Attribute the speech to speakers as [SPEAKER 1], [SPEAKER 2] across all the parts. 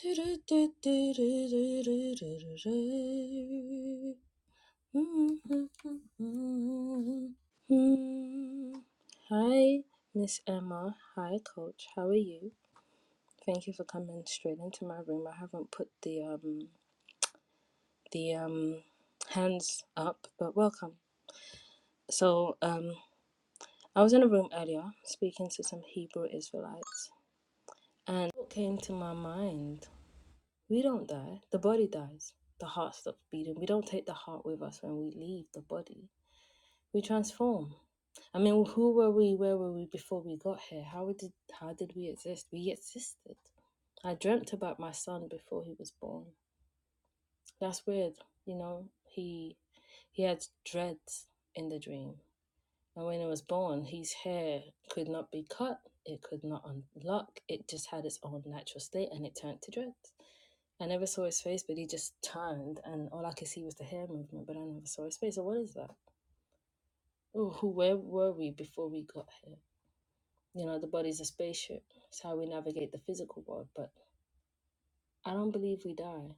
[SPEAKER 1] Hi, Miss Emma. Hi, Coach. How are you? Thank you for coming straight into my room. I haven't put the um the um hands up, but welcome. So um, I was in a room earlier speaking to some Hebrew Israelites, and what came to my mind We don't die. The body dies. The heart stops beating. We don't take the heart with us when we leave the body. We transform. I mean, who were we? Where were we before we got here? How did how did we exist? We existed. I dreamt about my son before he was born. That's weird, you know. He he had dreads in the dream. And when it was born, his hair could not be cut, it could not unlock, it just had its own natural state and it turned to dreads. I never saw his face, but he just turned, and all I could see was the hair movement, but I never saw his face. So, what is that? Oh, who, where were we before we got here? You know, the body's a spaceship. It's how we navigate the physical world, but I don't believe we die.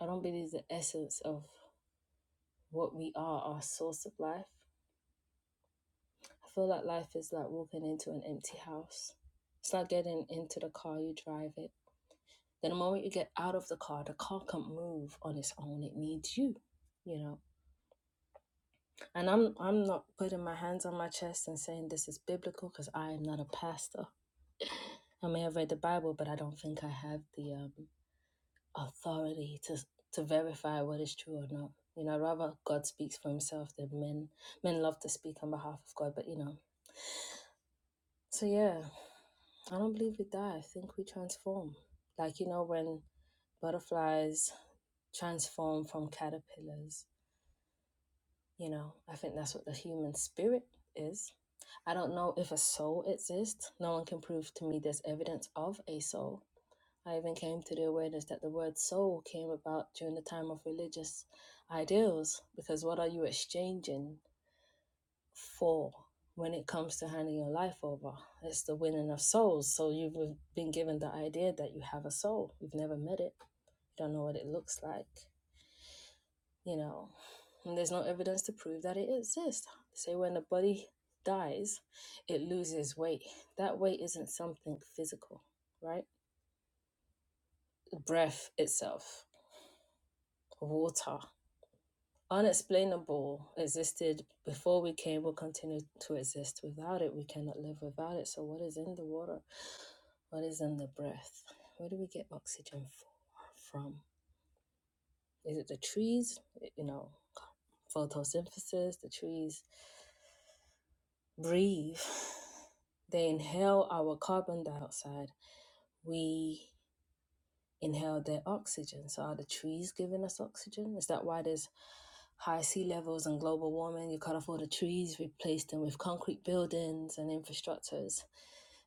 [SPEAKER 1] I don't believe the essence of what we are, our source of life, I feel like life is like walking into an empty house. It's like getting into the car, you drive it. Then the moment you get out of the car, the car can't move on its own. It needs you, you know. And I'm I'm not putting my hands on my chest and saying this is biblical because I am not a pastor. I may have read the Bible, but I don't think I have the um, authority to to verify what is true or not. You know, rather God speaks for Himself than men. Men love to speak on behalf of God, but you know, So yeah, I don't believe we die. I think we transform. Like you know when butterflies transform from caterpillars. You know, I think that's what the human spirit is. I don't know if a soul exists. No one can prove to me there's evidence of a soul. I even came to the awareness that the word soul came about during the time of religious ideals because what are you exchanging for when it comes to handing your life over. It's the winning of souls. So you've been given the idea that you have a soul. You've never met it. You don't know what it looks like, you know. And there's no evidence to prove that it exists. Say when the body dies, it loses weight. That weight isn't something physical, right? Breath itself, water. Unexplainable existed before we came, will continue to exist. Without it, we cannot live without it. So, what is in the water? What is in the breath? Where do we get oxygen for, from? Is it the trees? You know, photosynthesis, the trees breathe. They inhale our carbon dioxide. We inhale their oxygen. So are the trees giving us oxygen? Is that why there's high sea levels and global warming? You cut off all the trees, replace them with concrete buildings and infrastructures.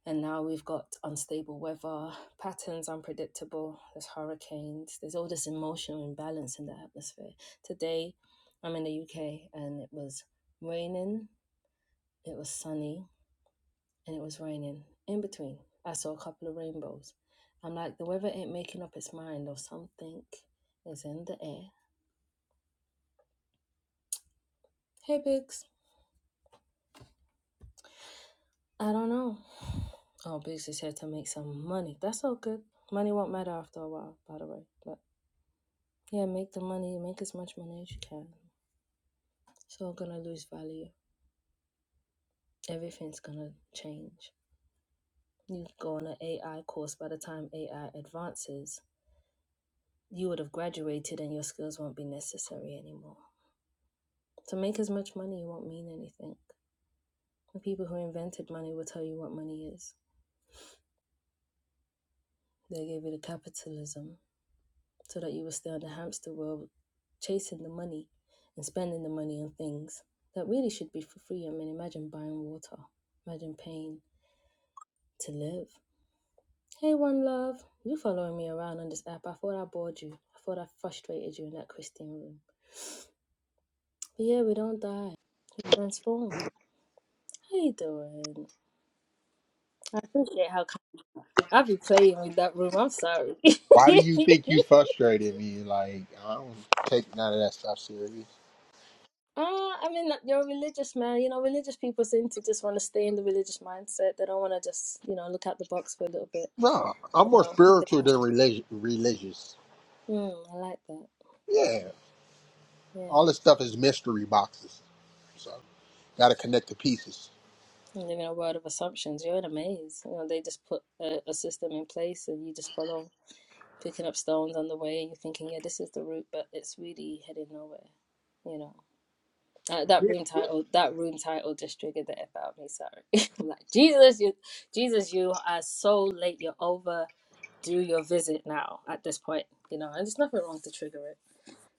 [SPEAKER 1] And now we've got unstable weather, patterns unpredictable, there's hurricanes, there's all this emotional imbalance in the atmosphere. Today, I'm in the UK and it was raining, it was sunny, and it was raining. In between, I saw a couple of rainbows. I'm like, the weather ain't making up its mind, or something is in the air. Hey, Biggs. I don't know. Oh, Biggs is here to make some money. That's all good. Money won't matter after a while, by the way. But yeah, make the money, make as much money as you can. It's all gonna lose value. Everything's gonna change. You go on an AI course, by the time AI advances, you would have graduated and your skills won't be necessary anymore. To make as much money won't mean anything. The people who invented money will tell you what money is. They gave you the capitalism so that you will stay on the hamster wheel chasing the money and spending the money on things that really should be for free. I mean, imagine buying water, imagine paying to live. Hey, one love, you following me around on this app. I thought I bored you. I thought I frustrated you in that Christian room. But yeah, we don't die We transform. How you doing? I appreciate how I be playing with that room. I'm sorry.
[SPEAKER 2] Why do you think you frustrated me? Like I don't take none of that stuff serious.
[SPEAKER 1] Uh, I mean, uh, you're a religious man. You know, religious people seem to just want to stay in the religious mindset. They don't want to just, you know, look out the box for a little bit.
[SPEAKER 2] No, I'm
[SPEAKER 1] You
[SPEAKER 2] more
[SPEAKER 1] know,
[SPEAKER 2] spiritual than relig- religious.
[SPEAKER 1] mm, I like that.
[SPEAKER 2] Yeah,
[SPEAKER 1] Yeah,
[SPEAKER 2] all this stuff is mystery boxes. So gotta connect the pieces.
[SPEAKER 1] you live in a world of assumptions. You're in a maze. You know, they just put a, a system in place, and you just follow, picking up stones on the way, and you're thinking, yeah, this is the route, but it's really heading nowhere. You know. Uh, that
[SPEAKER 2] Yeah.
[SPEAKER 1] room title, that room title just triggered the F out of me. Sorry, I'm like Jesus, you, Jesus, you are so late. You're over. Do your visit now. At this point, you know, and there's nothing wrong to trigger it.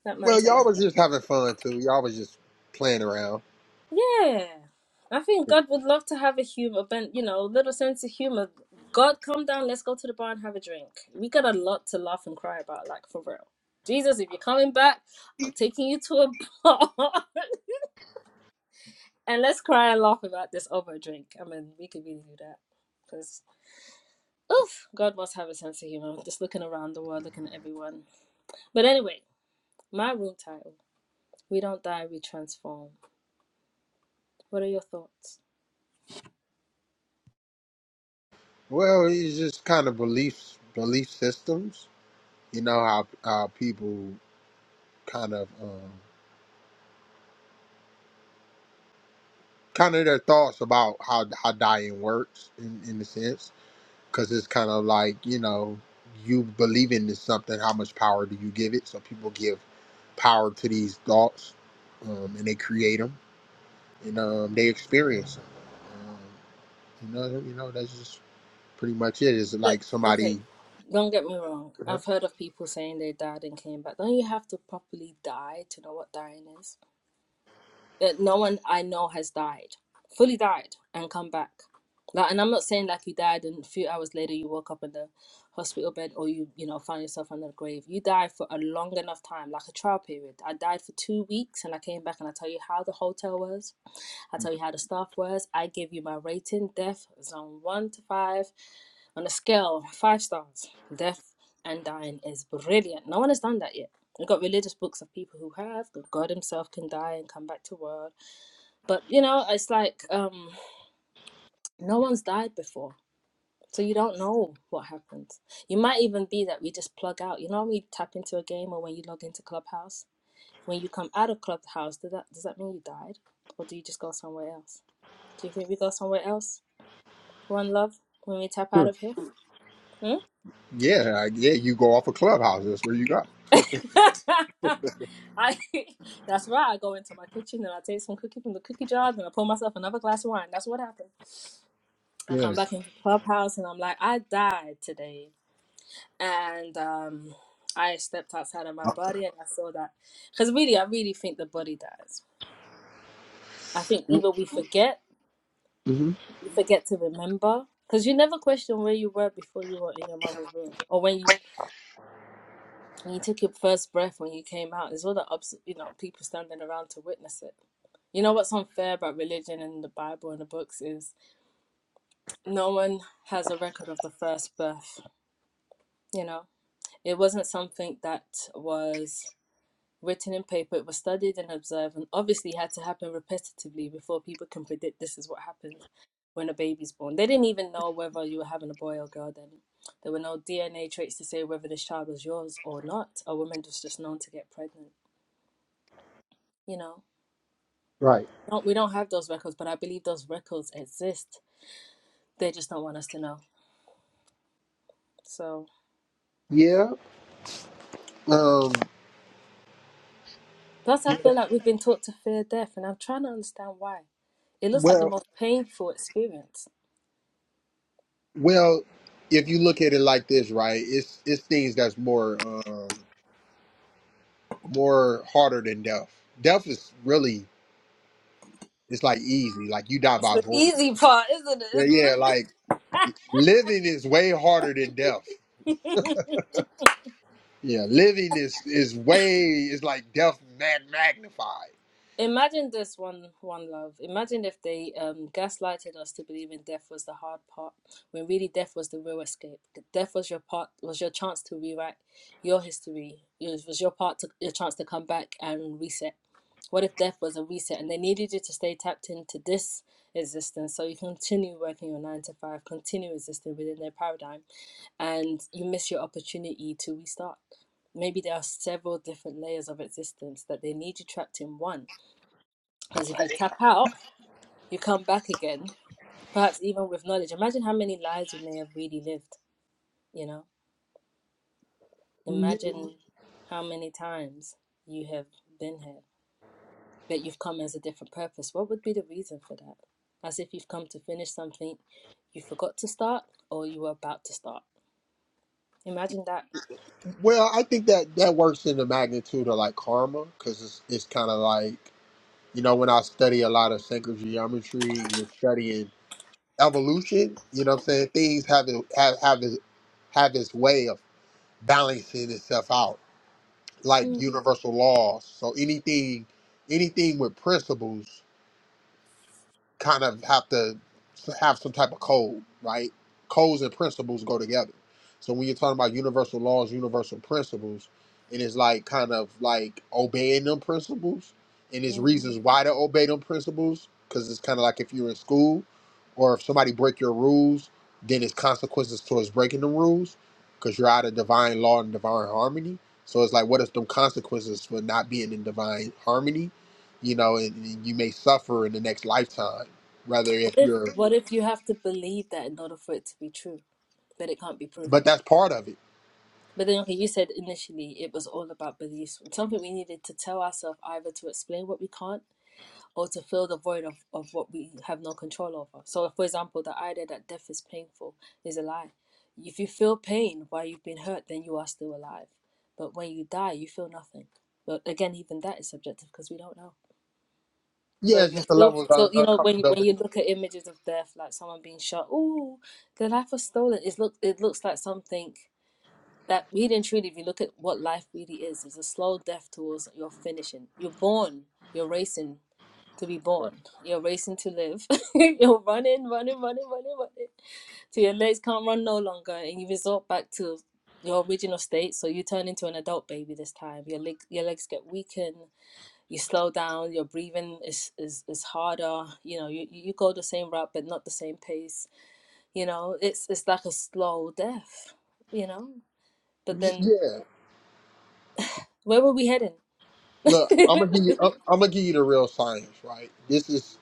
[SPEAKER 1] That man
[SPEAKER 2] Well,
[SPEAKER 1] telling
[SPEAKER 2] y'all was
[SPEAKER 1] me,
[SPEAKER 2] just having fun too. Y'all was just playing around.
[SPEAKER 1] yeah, I think God would love to have a humor, but you know, little sense of humor. God, come down. Let's go to the bar and have a drink. We got a lot to laugh and cry about, like for real. Jesus, if you're coming back, I'm taking you to a bar. And let's cry and laugh about this over a drink. I mean, we could really do that. Because, oof, God must have a sense of humor. Just looking around the world, looking at everyone. But anyway, my room title We Don't Die, We Transform. What are your thoughts?
[SPEAKER 2] Well, it's just kind of beliefs, belief systems. You know how how people kind of um, kind of their thoughts about how how dying works in in a sense. because it's kind of like you know you believing in this something how much power do you give it so people give power to these thoughts um, and they create them and um, they experience them um, you know you know that's just pretty much it it's
[SPEAKER 1] But,
[SPEAKER 2] like
[SPEAKER 1] okay,
[SPEAKER 2] somebody
[SPEAKER 1] don't get me wrong. I've heard of people saying they died and came back. Don't you have to properly die to know what dying is? that no one I know has died, fully died, and come back. Like, and I'm not saying like you died and a few hours later you woke up in the hospital bed or you you know found yourself under the grave. You died for a long enough time, like a trial period. I died for two weeks and I came back and I tell you how the hotel was. I tell you how the staff was. I give you my rating, death zone one to five on a scale five stars. Death and dying is brilliant. No one has done that yet I've got religious books of people who have. that God Himself can die and come back to world. But you know, it's like um, no one's died before, so you don't know what happens. You might even be that we just plug out. You know, when we tap into a game or when you log into Clubhouse. When you come out of Clubhouse, does that does that mean you died, or do you just go somewhere else? Do you think we go somewhere else? One love when we tap out of here. Hmm?
[SPEAKER 2] yeah I- yeah you go off a clubhouse that's where you go
[SPEAKER 1] I that's right. I go into my kitchen and I take some cookie from the cookie jar, and I pour myself another glass of wine. That's what happened. I come
[SPEAKER 2] yes
[SPEAKER 1] back into Clubhouse and I'm like, I died today. And um, I stepped outside of my body and I saw that. Because really, I really think the body dies. I think either we forget,
[SPEAKER 2] hmm
[SPEAKER 1] we forget to remember. Because you never question where you were before you were in your mother's womb, or when you when you took your first breath when you came out. There's all the ups, you know, people standing around to witness it. You know what's unfair about religion and the Bible and the books is no one has a record of the first birth. You know, It wasn't something that was written in paper, it was studied and observed, and obviously had to happen repetitively before people can predict this is what happens when a baby's born. They didn't even know whether you were having a boy or girl then. There were no DNA traits to say whether this child was yours or not. A woman was just known to get pregnant, you know.
[SPEAKER 2] right
[SPEAKER 1] Don't, we don't have those records, but I believe those records exist. They just don't want us to know. So,
[SPEAKER 2] yeah um
[SPEAKER 1] plus, I feel like we've been taught to fear death, and I'm trying to understand why. It looks like the
[SPEAKER 2] well
[SPEAKER 1] most painful experience
[SPEAKER 2] well if you look at it like this right it's it's things that's more Um, more harder than death. Death is really it's like easy, like you die
[SPEAKER 1] It's
[SPEAKER 2] by
[SPEAKER 1] the
[SPEAKER 2] void.
[SPEAKER 1] easy part, isn't it?
[SPEAKER 2] Yeah,
[SPEAKER 1] It's
[SPEAKER 2] yeah.
[SPEAKER 1] li-
[SPEAKER 2] Like living is way harder than death. Yeah, living is is way is like death mag- magnified.
[SPEAKER 1] Imagine this one, one love. Imagine if they um, gaslighted us to believing death was the hard part, when really death was the real escape. Death was your part, was your chance to rewrite your history. It was your part to your chance to come back and reset. What if death was a reset and they needed you to stay tapped into this existence so you continue working your nine to five, continue existing within their paradigm, and you miss your opportunity to restart? Maybe there are several different layers of existence that they need you trapped in one. Because if you tap out, you come back again, perhaps even with knowledge. Imagine how many lives you may have really lived, you know? Imagine Mhm. how many times you have been here. but you've come as a different purpose. What would be the reason for that? As if you've come to finish something you forgot to start or you were about to start. Imagine that.
[SPEAKER 2] Well, I think that that works in the magnitude of like karma because it's it's kind of like you know when I study a lot of sacred geometry, we're studying evolution. You know what I'm saying? Things have it have have it have its way of balancing itself out like
[SPEAKER 1] Mhm.
[SPEAKER 2] universal laws. So anything anything with principles kind of have to have some type of code, right? Codes and principles go together. So when you're talking about universal laws, universal principles, and it's like kind of like obeying them principles, and there's reasons
[SPEAKER 1] What
[SPEAKER 2] why to obey them principles, because it's kind of like if you're in school, or if somebody break your rules, then it's consequences towards breaking the rules, because you're out of divine law and divine harmony. So it's like, what is them consequences for not being in divine harmony? You know, and, and you may suffer in the next lifetime rather if
[SPEAKER 1] if
[SPEAKER 2] you're
[SPEAKER 1] what if you have to believe that in order for it to be true, but it can't be proven?
[SPEAKER 2] but that's part of it
[SPEAKER 1] But then, okay, you said initially it was all about beliefs, something we needed to tell ourselves either to explain what we can't or to fill the void of, of what we have no control over. So, for example, the idea that death is painful is a lie. If you feel pain while you've been hurt, then you are still alive. But when you die, you feel nothing. But again, even that is subjective because we don't know. So
[SPEAKER 2] yeah
[SPEAKER 1] if
[SPEAKER 2] it's
[SPEAKER 1] you're
[SPEAKER 2] just the
[SPEAKER 1] still,
[SPEAKER 2] level of
[SPEAKER 1] so
[SPEAKER 2] un-
[SPEAKER 1] you know, when you, when you
[SPEAKER 2] uncomfortability
[SPEAKER 1] look at images of death, like someone being shot, ooh, their life was stolen. It's look, it looks like something that really and truly, if you look at what life really is, it's a slow death towards your finishing. You're born, you're racing, to be
[SPEAKER 2] right?
[SPEAKER 1] born. You're racing to live. You're running, running, running, running, running. So your legs can't run no longer, and you resort back to your original state. So you turn into an adult baby this time. Your leg, your legs get weakened. You slow down. Your breathing is is, is harder. You know, you you go the same route but not the same pace. You know, it's it's like a slow death. You know, but
[SPEAKER 2] Y-
[SPEAKER 1] then
[SPEAKER 2] yeah
[SPEAKER 1] where were we heading?
[SPEAKER 2] look i'm gonna give you i'm I'm gonna give you the real science right this is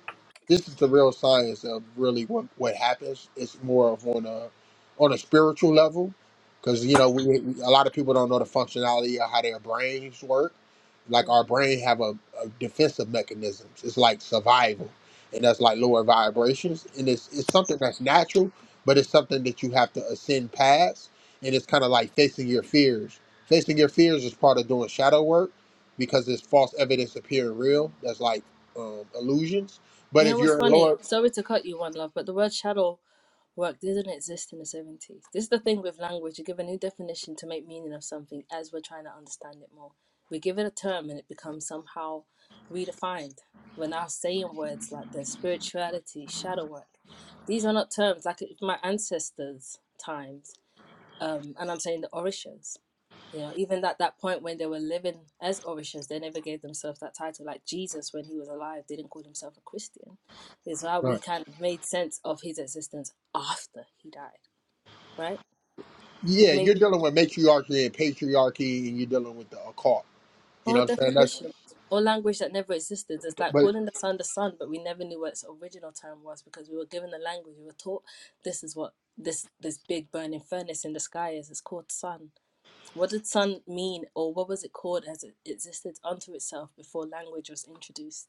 [SPEAKER 2] this is the real science of really what what happens. It's more of on a on a spiritual level because you know we, we a lot of people don't know the functionality of how their brains work. Like
[SPEAKER 1] mm.
[SPEAKER 2] our brain have a, a defensive mechanisms. It's like survival, and that's like lower vibrations, and it's it's something that's natural, but it's something that you have to ascend past, and it's kind of like facing your fears. Facing your fears is part of doing shadow work because it's false evidence appearing real. That's like um, illusions but
[SPEAKER 1] You
[SPEAKER 2] if
[SPEAKER 1] know what's
[SPEAKER 2] you're a
[SPEAKER 1] funny?
[SPEAKER 2] lower,
[SPEAKER 1] Sorry to cut you, one love, but the word shadow work didn't exist in the 70s. This is the thing with language. You give a new definition to make meaning of something as we're trying to understand it more. We give it a term and it becomes somehow redefined. We're now saying words like the spirituality, shadow work. These are not terms like my ancestors' times. Um, and I'm saying the orishas. You know, even at that point when they were living as Orishas, they never gave themselves that title. Like Jesus, when he was alive, didn't call himself a Christian. It's how we
[SPEAKER 2] right.
[SPEAKER 1] kind of made sense of his existence after he died, right?
[SPEAKER 2] yeah, you're
[SPEAKER 1] Maybe
[SPEAKER 2] dealing with matriarchy and patriarchy, and you're dealing with the occult. You
[SPEAKER 1] all
[SPEAKER 2] know what I'm saying? That's
[SPEAKER 1] definitions or language that never existed. It's like
[SPEAKER 2] but
[SPEAKER 1] calling the sun the sun, but we never knew what its original term was because we were given the language. We were taught this is what this this big burning furnace in the sky is. It's called sun. What did sun mean, or what was it called as it existed unto itself before language was introduced?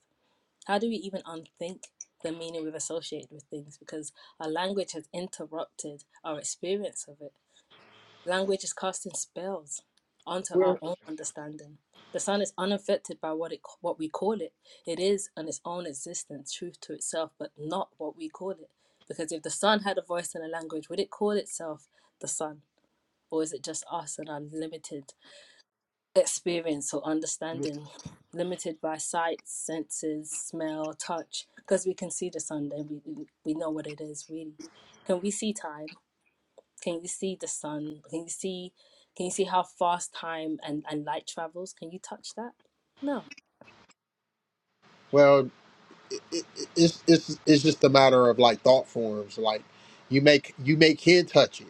[SPEAKER 1] How do we even unthink the meaning we've associated with things? Because our language has interrupted our experience of it. Language is casting spells onto our
[SPEAKER 2] well,
[SPEAKER 1] own understanding. The sun is unaffected by what it what we call it. It is on its own existence, truth to itself, but not what we call it. Because if the sun had a voice and a language, would it call itself the sun, or is it just us and our limited experience or understanding, limited by sight, senses, smell, touch, because we can see the sun, then we we we know what it is really. Can we see time? Can you see the sun? Can you see can you see how fast time and, and light travels? Can you touch that? No.
[SPEAKER 2] well, it, it, it's it's it's just a matter of like thought forms. Like you make you make can touch it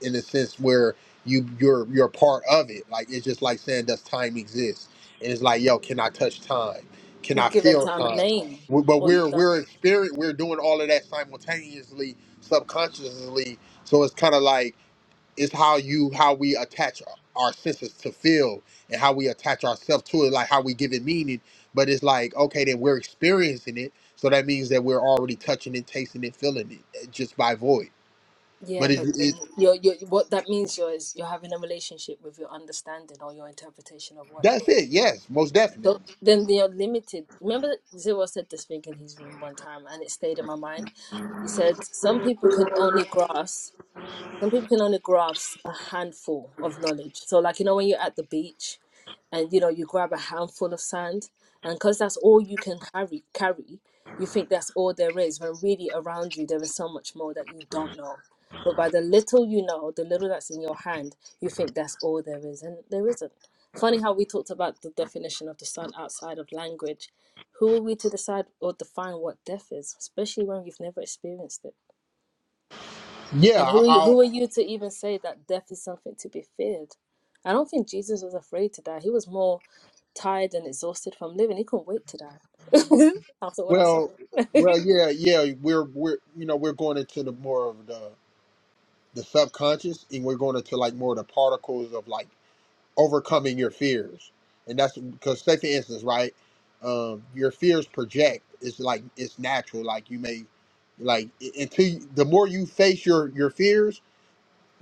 [SPEAKER 2] in a sense where you you're you're part of it. Like it's just like saying does time exist? And it's like yo, can I touch time? Can
[SPEAKER 1] You've
[SPEAKER 2] I
[SPEAKER 1] given
[SPEAKER 2] feel
[SPEAKER 1] time a
[SPEAKER 2] time?
[SPEAKER 1] name.
[SPEAKER 2] We- But
[SPEAKER 1] All
[SPEAKER 2] we're
[SPEAKER 1] you've done
[SPEAKER 2] we're experience we're doing all of that simultaneously, subconsciously. So it's kind of like It's how you how we attach our senses to feel and how we attach ourselves to it, like how we give it meaning. But it's like, okay, then we're experiencing it. So that means that we're already touching it, tasting it, feeling it uh, just by void.
[SPEAKER 1] yeah,
[SPEAKER 2] But it,
[SPEAKER 1] but then
[SPEAKER 2] it
[SPEAKER 1] you're, you're what that means you're is you're having a relationship with your understanding or your interpretation of what
[SPEAKER 2] that's
[SPEAKER 1] is.
[SPEAKER 2] it. Yes, most
[SPEAKER 1] So
[SPEAKER 2] definitely.
[SPEAKER 1] then they're limited. Remember, Zero said this thing in his room one time, and it stayed in my mind. He said some people can only grasp some people can only grasp a handful of knowledge. So, like, you know, when you're at the beach and, you know, you grab a handful of sand, and because that's all you can carry, carry, you think that's all there is, when really around you there is so much more that you don't know. But by the little you know, the little that's in your hand, you think that's all there is, and there isn't. Funny how we talked about the definition of the sun outside of language. Who are we to decide or define what death is, especially when we've never experienced it?
[SPEAKER 2] Yeah.
[SPEAKER 1] And
[SPEAKER 2] I,
[SPEAKER 1] who you-
[SPEAKER 2] I'll,
[SPEAKER 1] who are you to even say that death is something to be feared? I don't think Jesus was afraid to die. He was more tired and exhausted from living. He couldn't wait to die after all that
[SPEAKER 2] well,
[SPEAKER 1] suffering.
[SPEAKER 2] well, yeah, yeah. We're we're you know we're going into the more of the the subconscious, and we're going into like more of the particles of like overcoming your fears. And that's because take the instance, right? Um, your fears project. It's like it's natural. Like you may like i- until you, the more you face your your fears,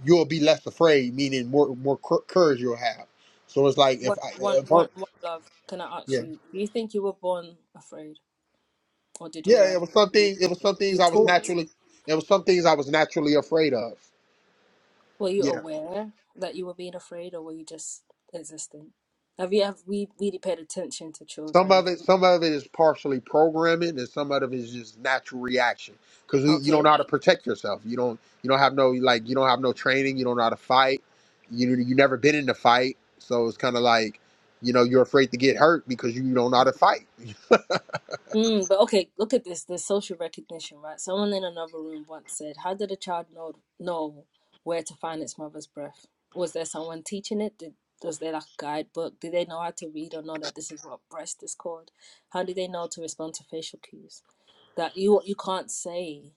[SPEAKER 2] you'll be less afraid. Meaning more more cour- courage you'll have. So it's like
[SPEAKER 1] one,
[SPEAKER 2] if I, uh,
[SPEAKER 1] one,
[SPEAKER 2] if I
[SPEAKER 1] one, one love. Can I ask
[SPEAKER 2] yeah
[SPEAKER 1] you? Do you think you were born afraid, or did you
[SPEAKER 2] yeah
[SPEAKER 1] learn
[SPEAKER 2] it was
[SPEAKER 1] to be
[SPEAKER 2] something it was
[SPEAKER 1] afraid?
[SPEAKER 2] some things
[SPEAKER 1] you
[SPEAKER 2] I was
[SPEAKER 1] taught?
[SPEAKER 2] naturally it was some things I was naturally afraid of.
[SPEAKER 1] Were you
[SPEAKER 2] Yeah.
[SPEAKER 1] aware that you were being afraid, or were you just existing? Have you have we really paid attention to
[SPEAKER 2] Some
[SPEAKER 1] children?
[SPEAKER 2] of it, some of it is partially programming, and some of it is just natural reaction because you you don't
[SPEAKER 1] Okay.
[SPEAKER 2] know how to protect yourself. You don't, you don't have no like, you don't have no training. You don't know how to fight. You you never been in a fight, so it's kind of like, you know, you're afraid to get hurt because you don't know how to fight.
[SPEAKER 1] Mm, but okay, look at this. There's social recognition, right? Someone in another room once said, "How did a child know know where to find its mother's breath? Was there someone teaching it? Did, was there like a guidebook? Did they know how to read or know that this is what breast is called? How did they know to respond to facial cues? That you you can't say.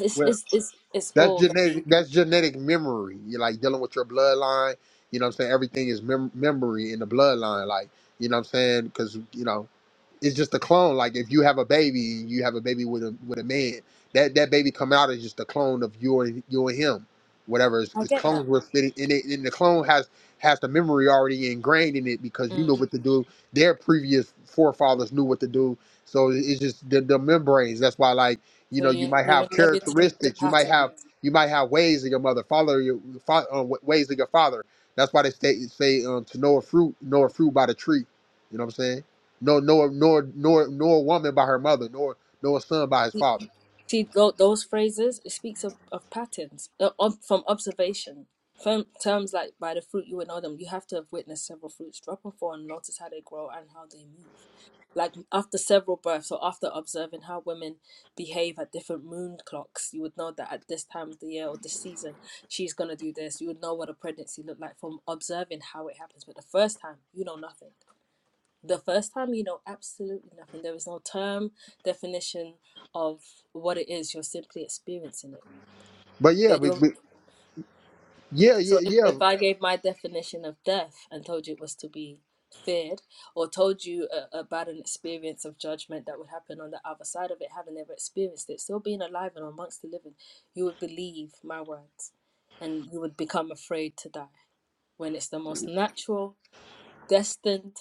[SPEAKER 1] It's
[SPEAKER 2] Well,
[SPEAKER 1] it's it's it's
[SPEAKER 2] that's
[SPEAKER 1] all very.
[SPEAKER 2] genetic. That's genetic memory. You're like dealing with your bloodline. You know what I'm saying? Everything is mem- memory in the bloodline. Like, you know what I'm saying? Because you know. it's just a clone. Like if you have a baby, you have a baby with a with a man. That that baby come out is just a clone of you and you and him. Whatever is
[SPEAKER 1] I
[SPEAKER 2] it's
[SPEAKER 1] get
[SPEAKER 2] clones
[SPEAKER 1] that.
[SPEAKER 2] were fitting and it and the clone has has the memory already ingrained in it because you know
[SPEAKER 1] Mm.
[SPEAKER 2] what to do. Their previous forefathers knew what to do. So it's just the, the membranes. That's why like, you
[SPEAKER 1] So
[SPEAKER 2] know, you
[SPEAKER 1] you
[SPEAKER 2] might
[SPEAKER 1] you
[SPEAKER 2] have
[SPEAKER 1] inherited the
[SPEAKER 2] characteristics. You might
[SPEAKER 1] pattern.
[SPEAKER 2] have you might have ways of your mother, follow your fa- uh, wa- ways of your father. That's why they say say um, to know a fruit, know a fruit by the tree. You know what I'm saying? no, nor nor nor nor a woman by her mother, nor nor a son by his father.
[SPEAKER 1] See tho- those phrases. It speaks of, of patterns uh, ob- from observation. Firm, terms like by the fruit you will know them. You have to have witnessed several fruits. Drop and fall and notice how they grow and how they move. Like after several births or after observing how women behave at different moon clocks, you would know that at this time of the year or this season, she's gonna do this. You would know what a pregnancy looked like from observing how it happens. But the first time, you know nothing the first time you know absolutely nothing there is no term definition of what it is you're simply experiencing it
[SPEAKER 2] But yeah,
[SPEAKER 1] but
[SPEAKER 2] but,
[SPEAKER 1] you're
[SPEAKER 2] but yeah,
[SPEAKER 1] so
[SPEAKER 2] yeah,
[SPEAKER 1] if,
[SPEAKER 2] yeah.
[SPEAKER 1] if i gave my definition of death and told you it was to be feared or told you a, about an experience of judgment that would happen on the other side of it having never experienced it still being alive and amongst the living you would believe my words and you would become afraid to die when it's the most natural destined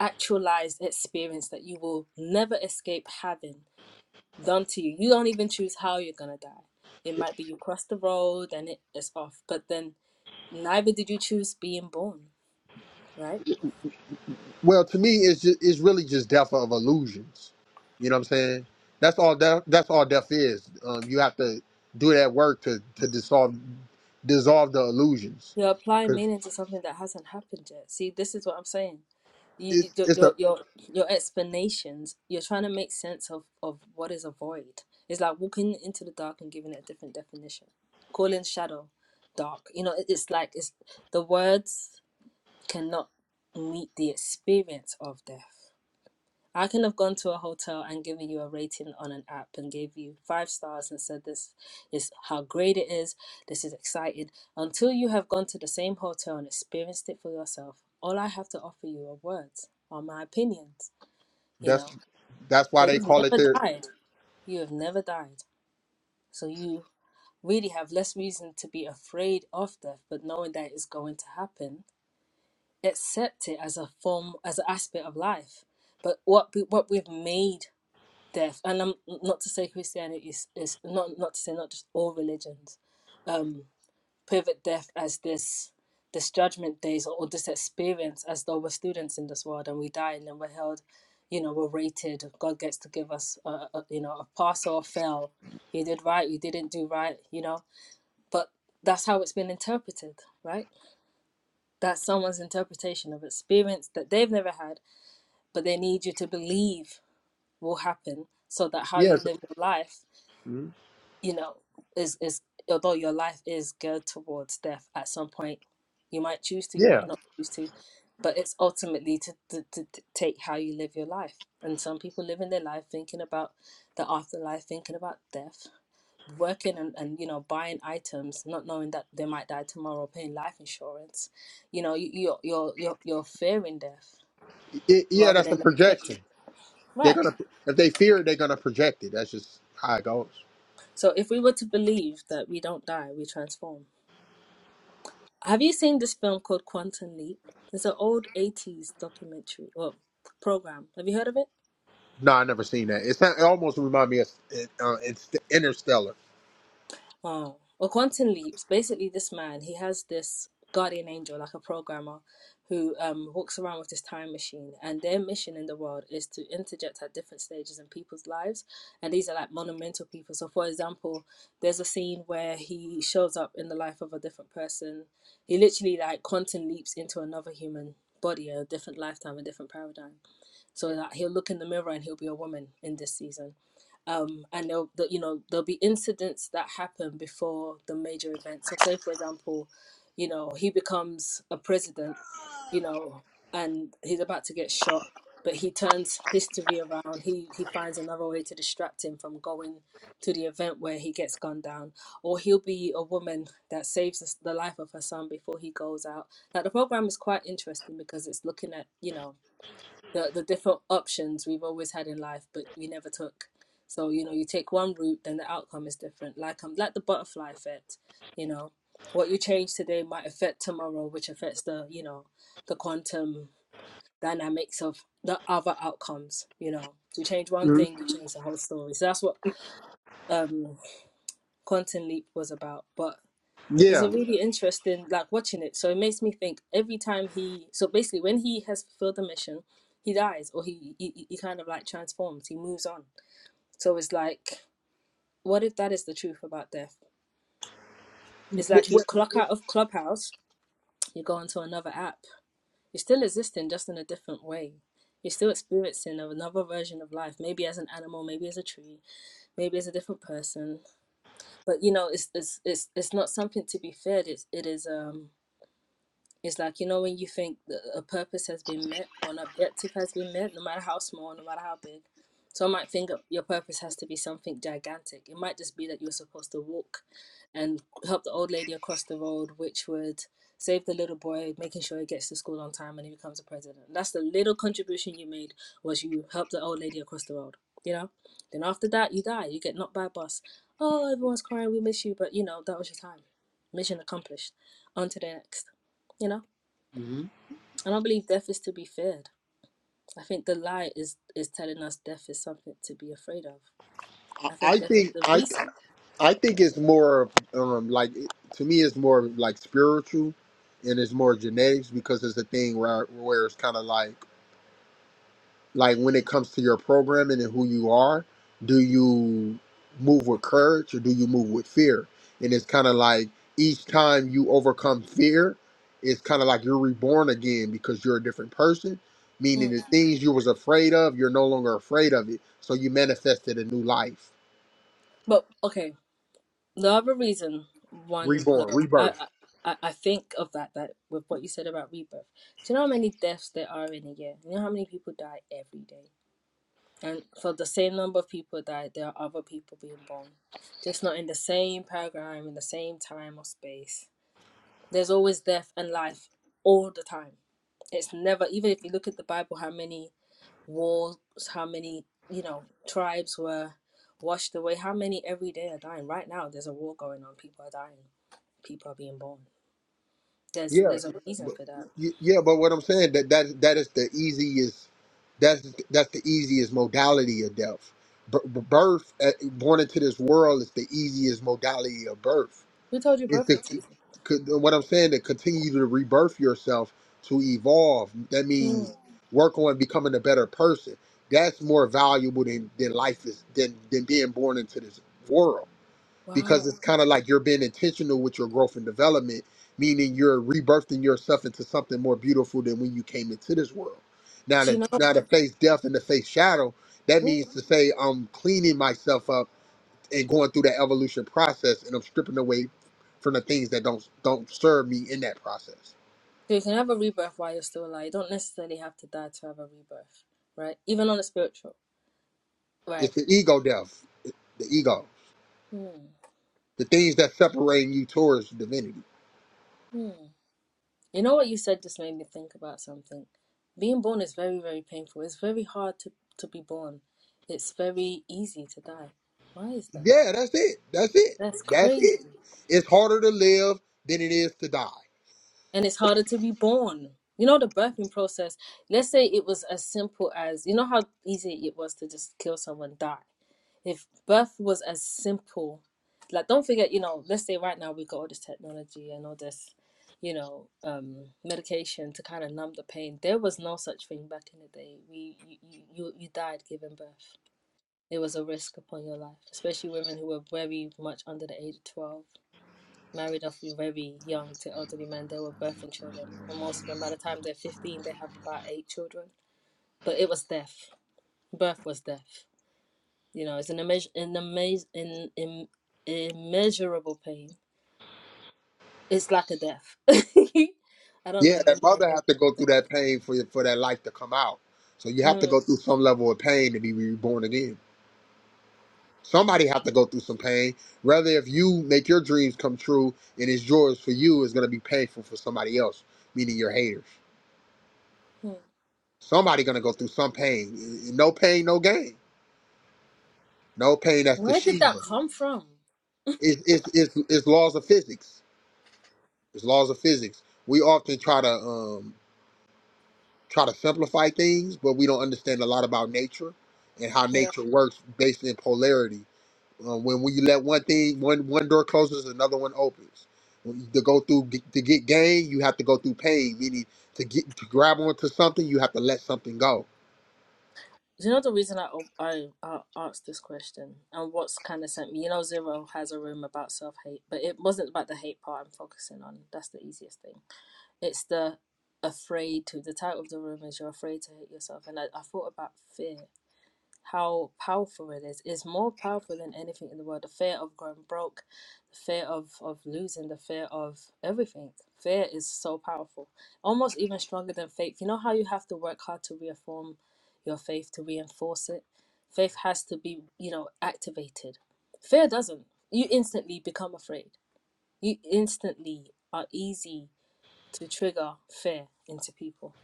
[SPEAKER 1] actualized experience that you will never escape having done to you. You don't even choose how you're gonna die. It might be you cross the road and it is off, but then neither did you choose being born, right?
[SPEAKER 2] Well, to me, it's just, it's really just death of illusions. You know what I'm saying? That's all. Death, that's all death is. Um, you have to do that work to to dissolve dissolve the illusions.
[SPEAKER 1] You're applying
[SPEAKER 2] Cause
[SPEAKER 1] meaning to something that hasn't happened yet. See, this is what I'm saying. You,
[SPEAKER 2] it's
[SPEAKER 1] you your
[SPEAKER 2] it's a
[SPEAKER 1] your your your explanations. You're trying to make sense of of what is a void. It's like walking into the dark and giving it a different definition. Calling shadow dark. You know, it's like it's the words cannot meet the experience of death. I can have gone to a hotel and given you a rating on an app and gave you five stars and said this is how great it is, this is exciting. Until you have gone to the same hotel and experienced it for yourself, all I have to offer you are words, are my opinions, you
[SPEAKER 2] that's
[SPEAKER 1] know.
[SPEAKER 2] that's why
[SPEAKER 1] So
[SPEAKER 2] they
[SPEAKER 1] you've
[SPEAKER 2] call it
[SPEAKER 1] never
[SPEAKER 2] their
[SPEAKER 1] died. You have never died. So you really have less reason to be afraid of death, but knowing that it's going to happen accept it as a form as an aspect of life but what we, what we've made death and i'm not to say christianity is, is not not to say not just all religions um pivot death as this this judgment days or, or this experience as though we're students in this world and we die and then we're held you know we're rated god gets to give us a, a you know a pass or a fail you did right you didn't do right you know but that's how it's been interpreted right that's someone's interpretation of experience that they've never had, but they need you to believe will happen so that how you
[SPEAKER 2] yes
[SPEAKER 1] live your life,
[SPEAKER 2] Mhm.
[SPEAKER 1] you know, is, is although your life is geared towards death at some point, you might choose to, you
[SPEAKER 2] yeah
[SPEAKER 1] might not choose to, but it's ultimately to, to, to, to take how you live your life. And some people live in their life thinking about the afterlife, thinking about death, working and, and you know buying items not knowing that they might die tomorrow or paying life insurance you know you, you're, you're you're you're fearing death
[SPEAKER 2] it, yeah
[SPEAKER 1] rather
[SPEAKER 2] that's the
[SPEAKER 1] than expecting
[SPEAKER 2] projection. They're
[SPEAKER 1] right
[SPEAKER 2] gonna if they fear it, they're gonna project it. That's just how it goes.
[SPEAKER 1] so if we were to believe that we don't die we transform have you seen this film called quantum leap it's an old 80s documentary or program have you heard of it
[SPEAKER 2] No, I never seen that. It's it almost remind me of uh, it's Interstellar.
[SPEAKER 1] Wow. Well, Quantum Leaps, basically this man, he has this guardian angel, like a programmer, who um, walks around with this time machine. And their mission in the world is to interject at different stages in people's lives. And these are like monumental people. So, for example, there's a scene where he shows up in the life of a different person. He literally like quantum leaps into another human body, a different lifetime, a different paradigm. So that like, he'll look in the mirror and he'll be a woman in this season um, and there'll, the, you know there'll be incidents that happen before the major event. So, say for example, you know he becomes a president, you know, and he's about to get shot, but he turns history around. He he finds another way to distract him from going to the event where he gets gunned down, or he'll be a woman that saves the the life of her son before he goes out. Like the program is quite interesting because it's looking at you know the the different options we've always had in life, but we never took. So you know, you take one route, then the outcome is different. Like um, like the butterfly effect. You know, what you change today might affect tomorrow, which affects the you know the quantum dynamics of the other outcomes. You know, you change one
[SPEAKER 2] Mhm.
[SPEAKER 1] thing, you change the whole story. So that's what um quantum leap was about. But it's a
[SPEAKER 2] Yeah,
[SPEAKER 1] really interesting, like watching it. So it makes me think every time he, so basically when he has fulfilled the mission, he dies or he, he he kind of like transforms, he moves on. So it's like, what if that is the truth about death? It's
[SPEAKER 2] what,
[SPEAKER 1] like you
[SPEAKER 2] what,
[SPEAKER 1] clock out of Clubhouse, you go onto another app. You're still existing, just in a different way. You're still experiencing another version of life, maybe as an animal, maybe as a tree, maybe as a different person. But you know, it's it's it's, it's not something to be feared. It's it is um It's like, you know, when you think that a purpose has been met or an objective has been met, no matter how small, no matter how big. So I might think of- your purpose has to be something gigantic. It might just be that you're supposed to walk and help the old lady across the road, which would save the little boy, making sure he gets to school on time and he becomes a president. That's the little contribution you made was you helped the old lady across the road, you know? Then after that, you die. You get knocked by a bus. Oh, everyone's crying, we miss you. But, you know, that was your time. Mission accomplished. On to the next, you know?
[SPEAKER 2] hmm
[SPEAKER 1] I don't believe death is to be feared. I think the lie is is telling us death is something to be afraid of.
[SPEAKER 2] I
[SPEAKER 1] I think
[SPEAKER 2] I
[SPEAKER 1] death is
[SPEAKER 2] think
[SPEAKER 1] the
[SPEAKER 2] I
[SPEAKER 1] reason.
[SPEAKER 2] I think it's more of, um like to me it's more of, like spiritual and it's more genetics because it's a thing where where it's kind of like like when it comes to your programming and who you are do you move with courage or do you move with fear and it's kind of like each time you overcome fear it's kind of like you're reborn again because you're a different person meaning
[SPEAKER 1] Mm.
[SPEAKER 2] the things you was afraid of you're no longer afraid of it so you manifested a new life
[SPEAKER 1] But okay, the other reason, one
[SPEAKER 2] reborn
[SPEAKER 1] love, I,
[SPEAKER 2] rebirth
[SPEAKER 1] I I think of that that with what you said about rebirth. Do you know how many deaths there are in a year? You know how many people die every day, and for the same number of people die, there are other people being born, just not in the same paradigm, in the same time or space. There's always death and life all the time. It's never, even if you look at the Bible, how many wars, how many, you know, tribes were washed away, how many every day are dying. Right now, there's a war going on. People are dying. People are being born. There's
[SPEAKER 2] Yeah,
[SPEAKER 1] there's a reason
[SPEAKER 2] but
[SPEAKER 1] for that.
[SPEAKER 2] y- yeah, but what I'm saying that that that is the easiest. That's that's the easiest modality of death. B- b- birth, uh, born into this world, is the easiest modality of birth.
[SPEAKER 1] Who told you
[SPEAKER 2] It's
[SPEAKER 1] birth
[SPEAKER 2] the
[SPEAKER 1] was easy?
[SPEAKER 2] could- what I'm saying to continue to rebirth yourself to evolve. That
[SPEAKER 1] Mm.
[SPEAKER 2] means work on becoming a better person. That's more valuable than than life is than than being born into this world because
[SPEAKER 1] Wow.
[SPEAKER 2] it's kind of like you're being intentional with your growth and development, meaning you're rebirthing yourself into something more beautiful than when you came into this world. Now
[SPEAKER 1] Do you
[SPEAKER 2] to
[SPEAKER 1] know?
[SPEAKER 2] now to face death and to face shadow, that
[SPEAKER 1] Ooh.
[SPEAKER 2] means to say I'm cleaning myself up and going through that evolution process, and I'm stripping away from the things that don't don't serve me in that process.
[SPEAKER 1] So you can have a rebirth while you're still alive. You don't necessarily have to die to have a rebirth, right? Even on a spiritual, right?
[SPEAKER 2] It's the ego death, the ego,
[SPEAKER 1] Hmm.
[SPEAKER 2] the things that separating you towards divinity.
[SPEAKER 1] Hmm. You know what you said just made me think about something. Being born is very, very painful. It's very hard to, to be born. It's very easy to die. Why is that?
[SPEAKER 2] Yeah, that's it. That's it.
[SPEAKER 1] That's
[SPEAKER 2] That's
[SPEAKER 1] crazy.
[SPEAKER 2] it. It's harder to live than it is to die.
[SPEAKER 1] and it's harder to be born. You know, the birthing process, let's say it was as simple as, you know, how easy it was to just kill someone, die. If birth was as simple, like, don't forget, you know, let's say right now we got all this technology and all this, you know, um, medication to kind of numb the pain. There was no such thing back in the day. We, you, you, you you died giving birth. It was a risk upon your life, especially women who were very much under the age of 12 married off very young to elderly men. They were birthing children, and most of them, by the time they're fifteen, they have about eight children. But it was death. Birth was death. You know, it's an immeas an amaz- in, in, immeasurable pain. It's like a death. I don't know
[SPEAKER 2] Yeah,
[SPEAKER 1] if
[SPEAKER 2] that
[SPEAKER 1] any man
[SPEAKER 2] mother
[SPEAKER 1] can
[SPEAKER 2] have to go
[SPEAKER 1] relate to
[SPEAKER 2] through that pain for for that life to come out. So you
[SPEAKER 1] that.
[SPEAKER 2] have to
[SPEAKER 1] Mm.
[SPEAKER 2] go through some level of pain to be reborn again. Somebody have to go through some pain. Rather, if you make your dreams come true and it's yours for you, it's gonna be painful for somebody else, meaning your haters.
[SPEAKER 1] Mm.
[SPEAKER 2] Somebody gonna go through some pain. No pain, no gain. No pain. That's the
[SPEAKER 1] Where did that
[SPEAKER 2] Sheba.
[SPEAKER 1] come from?
[SPEAKER 2] It's it's it's, it's laws of physics. It's laws of physics. We often try to um try to simplify things, but we don't understand a lot about nature and how
[SPEAKER 1] You know,
[SPEAKER 2] nature works based in polarity. Uh, when we let one thing, one one door closes, another one opens. When, to go through to get gain, you have to go through pain. Meaning, to get to grab onto something, you have to let something go.
[SPEAKER 1] you know the reason I, I I asked this question and what's kind of sent me. You know, Zero has a room about self hate, but it wasn't about the hate part I'm focusing on. That's the easiest thing It's the afraid to. The title of the room is You're Afraid to Hate Yourself. And I, I thought about fear, how powerful it is. It's more powerful than anything in the world. The fear of going broke, the fear of, of losing, the fear of everything. Fear is so powerful, almost even stronger than faith. You know how you have to work hard to reform your faith, to reinforce it? Faith has to be, you know, activated. Fear doesn't. You instantly become afraid. You instantly are easy to trigger fear into people.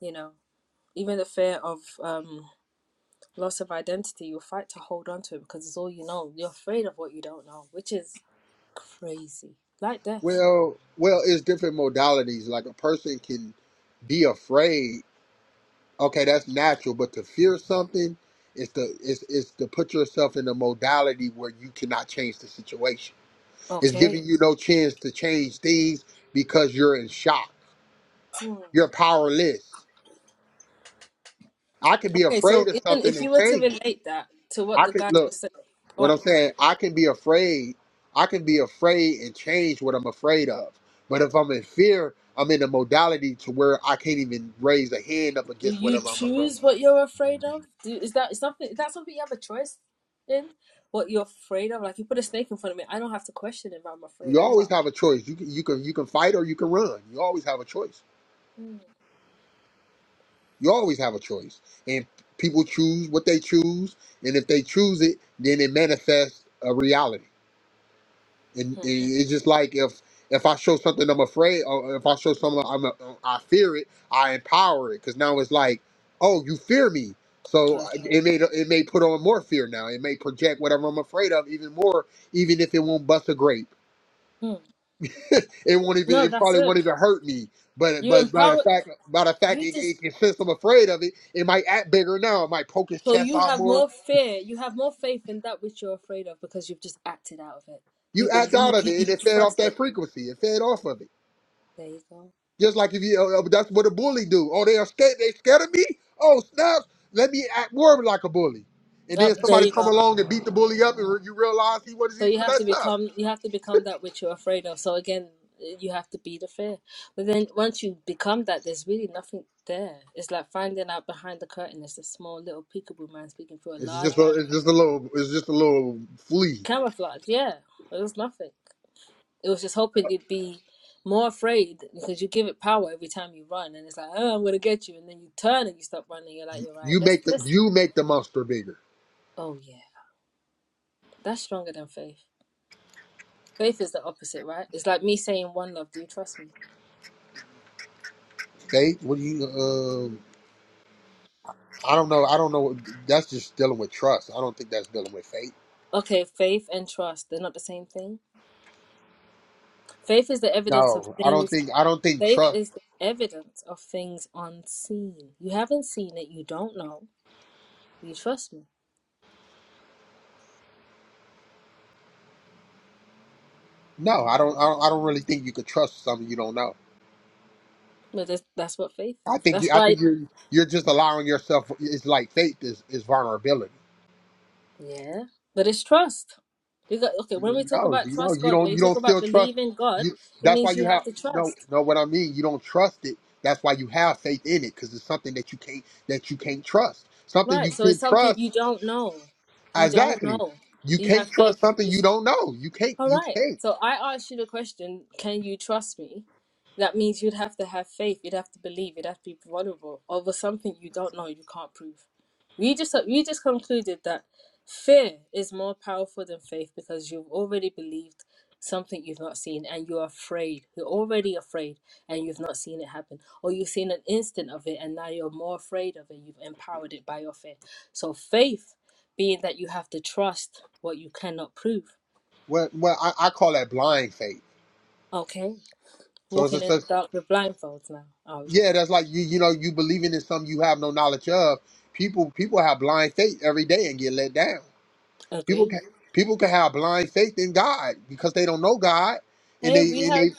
[SPEAKER 1] You know, even the fear of um, loss of identity, you'll fight to hold on to it because it's all you know. You're afraid of what you don't know, which is crazy, like death.
[SPEAKER 2] Well, well, it's different modalities. Like a person can be afraid. Okay, that's natural, but to fear something is to is is to put yourself in a modality where you cannot change the situation It's
[SPEAKER 1] Okay.
[SPEAKER 2] giving you no chance to change things because you're in shock.
[SPEAKER 1] Hmm.
[SPEAKER 2] You're powerless. I can be
[SPEAKER 1] Okay,
[SPEAKER 2] afraid
[SPEAKER 1] so
[SPEAKER 2] of
[SPEAKER 1] even
[SPEAKER 2] something
[SPEAKER 1] if
[SPEAKER 2] and
[SPEAKER 1] you were to
[SPEAKER 2] change it.
[SPEAKER 1] relate that to what
[SPEAKER 2] I
[SPEAKER 1] the
[SPEAKER 2] can
[SPEAKER 1] guys were
[SPEAKER 2] look
[SPEAKER 1] saying, go
[SPEAKER 2] what
[SPEAKER 1] on.
[SPEAKER 2] I'm saying. I can be afraid. I can be afraid and change what I'm afraid of. But if I'm in fear, I'm in a modality to where I can't even raise a hand up
[SPEAKER 1] Do
[SPEAKER 2] against
[SPEAKER 1] you
[SPEAKER 2] whatever I'm afraid
[SPEAKER 1] choose
[SPEAKER 2] of.
[SPEAKER 1] what you're afraid of? Do, is that is something is that something you have a choice in? What you're afraid of? Like you put a snake in front of me, I don't have to question if I'm afraid.
[SPEAKER 2] You
[SPEAKER 1] I never.
[SPEAKER 2] always have a choice. You can you can you can fight or you can run. You always have a choice.
[SPEAKER 1] Hmm.
[SPEAKER 2] You always have a choice. And people choose what they choose. And if they choose it, then it manifests a reality. And, and
[SPEAKER 1] Hmm.
[SPEAKER 2] it's just like if if I show something I'm afraid or if I show something I'm, uh, I fear it, I empower it. Because now it's like, oh, you fear me. So
[SPEAKER 1] Perfect.
[SPEAKER 2] it may it may put on more fear now. It may project whatever I'm afraid of even more, even if it won't bust a grape.
[SPEAKER 1] Hmm.
[SPEAKER 2] it won't even
[SPEAKER 1] No,
[SPEAKER 2] it
[SPEAKER 1] that's
[SPEAKER 2] probably
[SPEAKER 1] it.
[SPEAKER 2] won't even hurt me. But
[SPEAKER 1] You
[SPEAKER 2] but by the
[SPEAKER 1] empower.
[SPEAKER 2] fact by the fact
[SPEAKER 1] You
[SPEAKER 2] it,
[SPEAKER 1] just
[SPEAKER 2] it can sense I'm afraid of it, it might act bigger now. It might poke his
[SPEAKER 1] so
[SPEAKER 2] chest
[SPEAKER 1] you
[SPEAKER 2] out
[SPEAKER 1] have
[SPEAKER 2] more.
[SPEAKER 1] more fear. You have more faith in that which you're afraid of because you've just acted out of it. You
[SPEAKER 2] You act
[SPEAKER 1] believe.
[SPEAKER 2] out of
[SPEAKER 1] You,
[SPEAKER 2] it,
[SPEAKER 1] you
[SPEAKER 2] and it fed off
[SPEAKER 1] trust
[SPEAKER 2] that
[SPEAKER 1] it.
[SPEAKER 2] frequency. It fed off of it.
[SPEAKER 1] There you go.
[SPEAKER 2] Just like if you uh, uh, that's what a bully do. Oh, they are scared. They scared of me. Oh snaps! Let me act more like a bully. And
[SPEAKER 1] Oh,
[SPEAKER 2] then
[SPEAKER 1] there
[SPEAKER 2] somebody
[SPEAKER 1] you
[SPEAKER 2] come
[SPEAKER 1] go.
[SPEAKER 2] along and beat the bully up, and you realize he
[SPEAKER 1] So
[SPEAKER 2] wasn't
[SPEAKER 1] you
[SPEAKER 2] even
[SPEAKER 1] have
[SPEAKER 2] that
[SPEAKER 1] to
[SPEAKER 2] tough.
[SPEAKER 1] become. You have to become that which you're afraid of. So again, you have to be the fear. But then once you become that, there's really nothing there. It's like finding out behind the curtain. It's a small little peekaboo man speaking through a
[SPEAKER 2] It's
[SPEAKER 1] large
[SPEAKER 2] just a,
[SPEAKER 1] round
[SPEAKER 2] it's just a little it's just a little flea.
[SPEAKER 1] camouflage. Yeah, there's nothing. It was just hoping you'd be more afraid because you give it power every time you run, and it's like, oh, I'm gonna get you, and then you turn and you stop running. You're like, you're right.
[SPEAKER 2] You
[SPEAKER 1] That's
[SPEAKER 2] make the
[SPEAKER 1] this.
[SPEAKER 2] you make the monster bigger.
[SPEAKER 1] Oh yeah, that's stronger than faith. Faith is the opposite, right? It's like me saying, "One love, do you trust me?"
[SPEAKER 2] Okay, what do you um? I don't know. I don't know. That's just dealing with trust. I don't think that's dealing with faith.
[SPEAKER 1] Okay, faith and trust, they're not the same thing. Faith is the evidence of
[SPEAKER 2] No, I don't
[SPEAKER 1] things.
[SPEAKER 2] think. I don't think
[SPEAKER 1] Faith
[SPEAKER 2] trust.
[SPEAKER 1] is the evidence of things unseen. You haven't seen it, you don't know. You trust me.
[SPEAKER 2] No, I don't. I don't, I don't really think you could trust something you don't know.
[SPEAKER 1] But that's, that's what faith
[SPEAKER 2] I
[SPEAKER 1] is.
[SPEAKER 2] think. You,
[SPEAKER 1] That's
[SPEAKER 2] I
[SPEAKER 1] why.
[SPEAKER 2] think you're. You're just allowing yourself. It's like faith is is vulnerability.
[SPEAKER 1] Yeah, but it's trust. You got okay. When we talk
[SPEAKER 2] No,
[SPEAKER 1] about
[SPEAKER 2] you know
[SPEAKER 1] trust
[SPEAKER 2] you
[SPEAKER 1] God, when
[SPEAKER 2] don't.
[SPEAKER 1] you
[SPEAKER 2] You
[SPEAKER 1] talk
[SPEAKER 2] don't
[SPEAKER 1] about
[SPEAKER 2] still trust.
[SPEAKER 1] believing God,
[SPEAKER 2] You.
[SPEAKER 1] it
[SPEAKER 2] That's why
[SPEAKER 1] means you
[SPEAKER 2] you
[SPEAKER 1] have
[SPEAKER 2] have
[SPEAKER 1] to
[SPEAKER 2] no.
[SPEAKER 1] trust,
[SPEAKER 2] No, what I mean, you don't trust it. That's why you have faith in it because it's something that you can't that you can't trust. Something you
[SPEAKER 1] right? So it's
[SPEAKER 2] can
[SPEAKER 1] something
[SPEAKER 2] trust.
[SPEAKER 1] you don't know. You don't
[SPEAKER 2] Exactly.
[SPEAKER 1] know.
[SPEAKER 2] You
[SPEAKER 1] You have
[SPEAKER 2] can't
[SPEAKER 1] faith.
[SPEAKER 2] trust something you
[SPEAKER 1] Yes.
[SPEAKER 2] don't know. You can't.
[SPEAKER 1] All
[SPEAKER 2] You
[SPEAKER 1] right.
[SPEAKER 2] can't.
[SPEAKER 1] So I asked you the question: Can you trust me? That means you'd have to have faith. You'd have to believe. You'd have to be vulnerable over something you don't know. You can't prove. We just uh, we just concluded that fear is more powerful than faith because you've already believed something you've not seen and you're afraid. You're already afraid and you've not seen it happen. Or you've seen an instant of it and now you're more afraid of it. You've empowered it by your fear. So faith being that you have to trust what you cannot prove.
[SPEAKER 2] Well, well, I, I call that blind faith.
[SPEAKER 1] Okay?
[SPEAKER 2] So it's
[SPEAKER 1] Walking
[SPEAKER 2] just,
[SPEAKER 1] in the
[SPEAKER 2] that's-
[SPEAKER 1] dark with blindfolds now, are we?
[SPEAKER 2] yeah, that's like you, you know, you believing in something you have no knowledge of. People, people have blind faith every day and get let down. People can,
[SPEAKER 1] Agree.
[SPEAKER 2] people can have blind faith in God because they don't know God, and
[SPEAKER 1] Hey,
[SPEAKER 2] they,
[SPEAKER 1] we
[SPEAKER 2] and they,
[SPEAKER 1] have.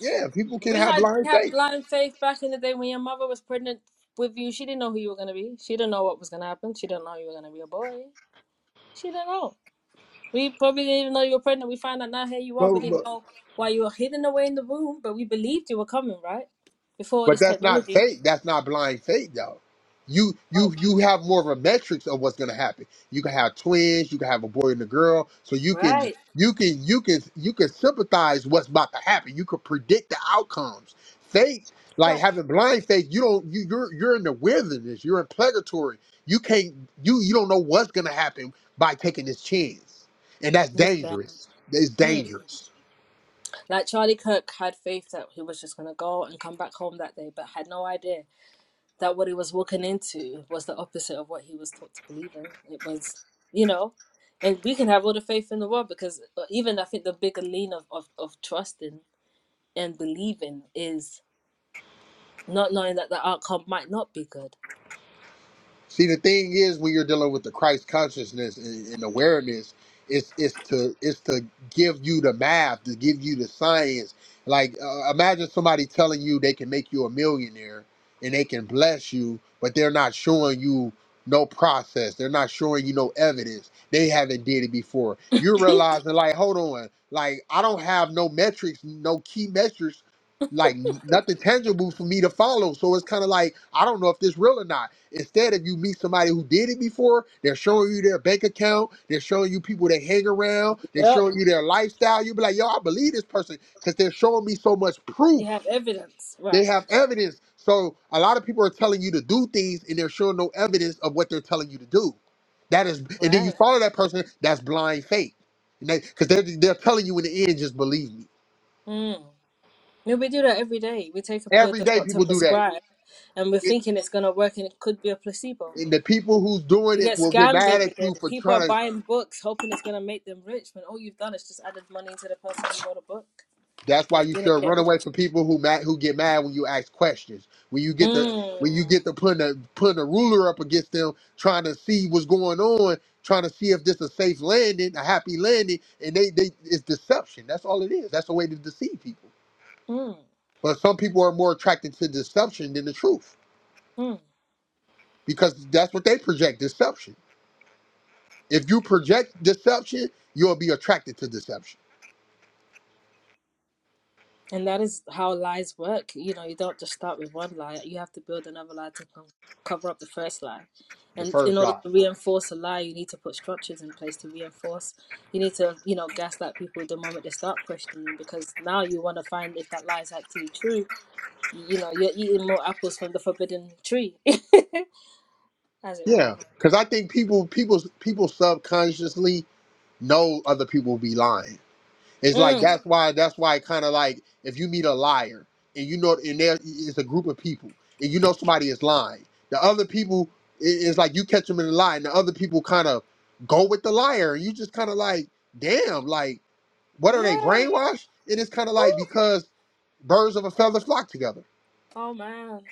[SPEAKER 2] yeah, people can
[SPEAKER 1] We
[SPEAKER 2] have
[SPEAKER 1] had
[SPEAKER 2] blind
[SPEAKER 1] we had
[SPEAKER 2] faith.
[SPEAKER 1] blind faith back in the day when your mother was pregnant with you. She didn't know who you were gonna be. She didn't know what was gonna happen. She didn't know you were gonna be a boy. She didn't know. We probably didn't even know you were pregnant. We find out now here you are. We didn't know why you were hidden away in the room, but we believed you were coming, right? Before all
[SPEAKER 2] But
[SPEAKER 1] this
[SPEAKER 2] that's not
[SPEAKER 1] technology.
[SPEAKER 2] fate. That's not blind fate, though. You
[SPEAKER 1] Oh,
[SPEAKER 2] you you have more of a metrics of what's gonna happen. You can have twins. You can have a boy and a girl. So you can
[SPEAKER 1] right.
[SPEAKER 2] you can you can you can sympathize what's about to happen. You can predict the outcomes. Faith, like
[SPEAKER 1] Slightly.
[SPEAKER 2] having blind faith, you don't you you're you're in the wilderness. You're in purgatory. You can't you you don't know what's gonna happen by taking this chance, and that's
[SPEAKER 1] Look at that.
[SPEAKER 2] dangerous. It's
[SPEAKER 1] Mm.
[SPEAKER 2] dangerous.
[SPEAKER 1] Like Charlie Kirk had faith that he was just gonna go and come back home that day, but had no idea that what he was walking into was the opposite of what he was taught to believe in. It was, you know, and we can have all the faith in the world because uh, even I think the bigger lean of, of, of trusting and believing is not knowing that the outcome might not be good.
[SPEAKER 2] See, the thing is, when you're dealing with the Christ consciousness and, and awareness, it's it's to it's to give you the math, to give you the science. Like, uh, imagine somebody telling you they can make you a millionaire and they can bless you, but they're not showing you no process. They're not showing you no evidence. They haven't did it before. You're realizing, like, hold on, like I don't have no metrics, no key metrics, like nothing tangible for me to follow. So it's kind of like I don't know if this real or not Instead of you meet somebody who did it before, they're showing you their bank account, they're showing you people they hang around, they're
[SPEAKER 1] Yep.
[SPEAKER 2] showing you their lifestyle. You'll be like, yo, I believe this person because they're showing me so much
[SPEAKER 1] You
[SPEAKER 2] proof.
[SPEAKER 1] have evidence.
[SPEAKER 2] They
[SPEAKER 1] Right.
[SPEAKER 2] have evidence. So a lot of people are telling you to do things and they're showing no evidence of what they're telling you to do. That is, and then you
[SPEAKER 1] Right.
[SPEAKER 2] follow that person, that's blind faith. Because they, are they're they're telling you in the end, just believe me.
[SPEAKER 1] Mm. Yeah, we do that every day. We take a pill
[SPEAKER 2] Every
[SPEAKER 1] the
[SPEAKER 2] day
[SPEAKER 1] doctor
[SPEAKER 2] people do that.
[SPEAKER 1] prescribed and we're
[SPEAKER 2] It,
[SPEAKER 1] thinking it's going to work and it could be a placebo.
[SPEAKER 2] and the people who's doing
[SPEAKER 1] You
[SPEAKER 2] it
[SPEAKER 1] get
[SPEAKER 2] will get
[SPEAKER 1] scammed
[SPEAKER 2] mad
[SPEAKER 1] every
[SPEAKER 2] at
[SPEAKER 1] day.
[SPEAKER 2] you for
[SPEAKER 1] People are
[SPEAKER 2] trying to
[SPEAKER 1] buying books hoping it's gonna make them rich when all you've done is just added money to the person who bought a book
[SPEAKER 2] That's
[SPEAKER 1] and
[SPEAKER 2] why
[SPEAKER 1] you
[SPEAKER 2] you
[SPEAKER 1] didn't
[SPEAKER 2] should
[SPEAKER 1] get
[SPEAKER 2] run
[SPEAKER 1] rich.
[SPEAKER 2] away from people who mad, who get mad when you ask questions. When you get the when you
[SPEAKER 1] Mm,
[SPEAKER 2] get the putting a putting a ruler up against them, trying to see what's going on, trying to see if this is a safe landing, a happy landing, and they they it's deception. That's all it is. That's a way to deceive people.
[SPEAKER 1] mm,
[SPEAKER 2] But some people are more attracted to deception than the truth
[SPEAKER 1] mm.
[SPEAKER 2] because that's what they project deception. If you project deception, you'll be attracted to deception.
[SPEAKER 1] And that is how lies work. You know, you don't just start with one lie. You have to build another lie to co- cover up the first lie.
[SPEAKER 2] The
[SPEAKER 1] And in
[SPEAKER 2] first
[SPEAKER 1] order
[SPEAKER 2] lie.
[SPEAKER 1] to reinforce a lie, you need to put structures in place to reinforce. You need to, you know, gaslight people the moment they start questioning because now you want to find if that lie is actually true you know, you're eating more apples from the forbidden tree, as it were.
[SPEAKER 2] Yeah, because I think people people people subconsciously know other people will be lying. It's like
[SPEAKER 1] Mm.
[SPEAKER 2] that's why that's why kind of like if you meet a liar and you know and there it's a group of people and you know somebody is lying, the other people i- it's like you catch them in a lie and the other people kind of go with the liar and you just kind of like damn like what are they
[SPEAKER 1] Yeah.
[SPEAKER 2] brainwashed? And it's kind of like
[SPEAKER 1] Woo.
[SPEAKER 2] because birds of a feather flock together.
[SPEAKER 1] Oh man.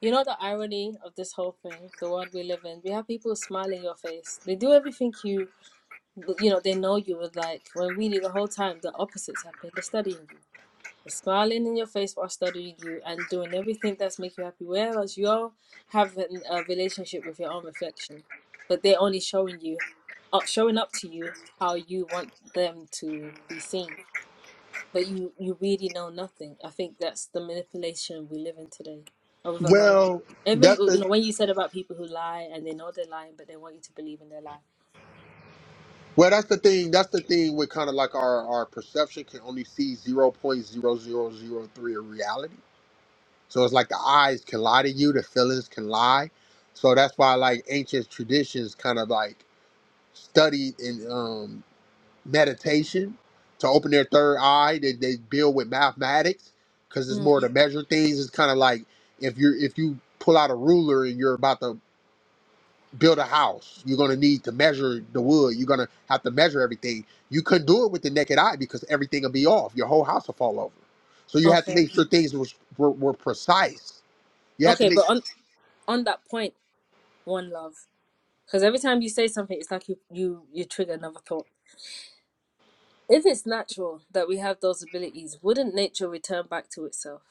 [SPEAKER 1] You know the irony of this whole thing, the world we live in. We have people smiling your face. They do everything you, you know, they know you would like. When really the whole time the opposites happen. They're studying you. the smiling in your face while studying you and doing everything that's make you happy whereas you're having a relationship with your own reflection but they're only showing you uh, showing up to you how you want them to be seen but you you really know nothing i think that's the manipulation we live in today and with a lot of people
[SPEAKER 2] Well,
[SPEAKER 1] even
[SPEAKER 2] that's
[SPEAKER 1] you
[SPEAKER 2] the
[SPEAKER 1] know when you said about people who lie and they know they're lying but they want you to believe in their lie
[SPEAKER 2] well, that's the thing. That's the thing with kind of like our our perception can only see zero point zero zero zero three of reality So it's like the eyes can lie to you, the feelings can lie. So that's why like ancient traditions kind of like studied in um, meditation to open their third eye. They, they build with mathematics because it's
[SPEAKER 1] Hmm.
[SPEAKER 2] more to measure things. It's kind of like if you if you pull out a ruler and you're about to build a house, you're gonna need to measure the wood. You're gonna have to measure everything. You couldn't do it with the naked eye because everything will be off. Your whole house will fall over. So you have to
[SPEAKER 1] okay
[SPEAKER 2] make sure things was, were, were precise. You have to
[SPEAKER 1] okay
[SPEAKER 2] make
[SPEAKER 1] but on on that point one love Because every time you say something, it's like you you you trigger another thought. If it's natural that we have those abilities, wouldn't nature return back to itself?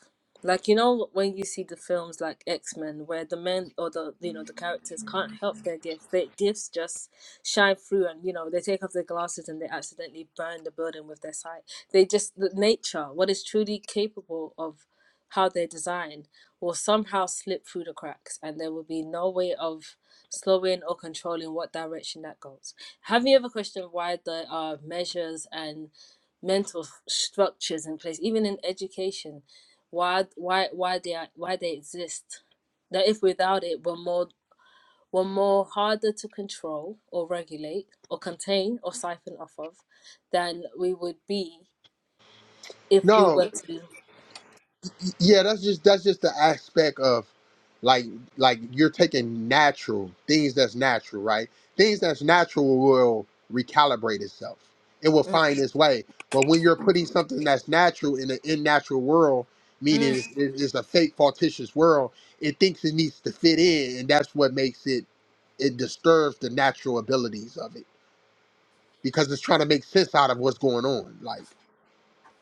[SPEAKER 1] Like you know when you see the films like X Men where the men or the you know the characters can't help their gifts. Their gifts just shine through and you know they take off their glasses and they accidentally burn the building with their sight. They just the nature, what is truly capable of how they're designed will somehow slip through the cracks and there will be no way of slowing or controlling what direction that goes. Have you ever questioned why there are measures and mental f- structures in place, even in education? Why, why, why they are, why they exist? That if without it, we're more we're more harder to control or regulate or contain or siphon off of than we would be if we
[SPEAKER 2] No,
[SPEAKER 1] were to.
[SPEAKER 2] yeah, that's just that's just the aspect of like like you're taking natural things that's natural, right? Things that's natural will recalibrate itself. It will
[SPEAKER 1] Mm.
[SPEAKER 2] find its way. But when you're putting something that's natural in an unnatural world,
[SPEAKER 1] Mm.
[SPEAKER 2] meaning it's, it's a fake, fictitious world, it thinks it needs to fit in, and that's what makes it it disturbs the natural abilities of it because it's trying to make sense out of what's going on. Like.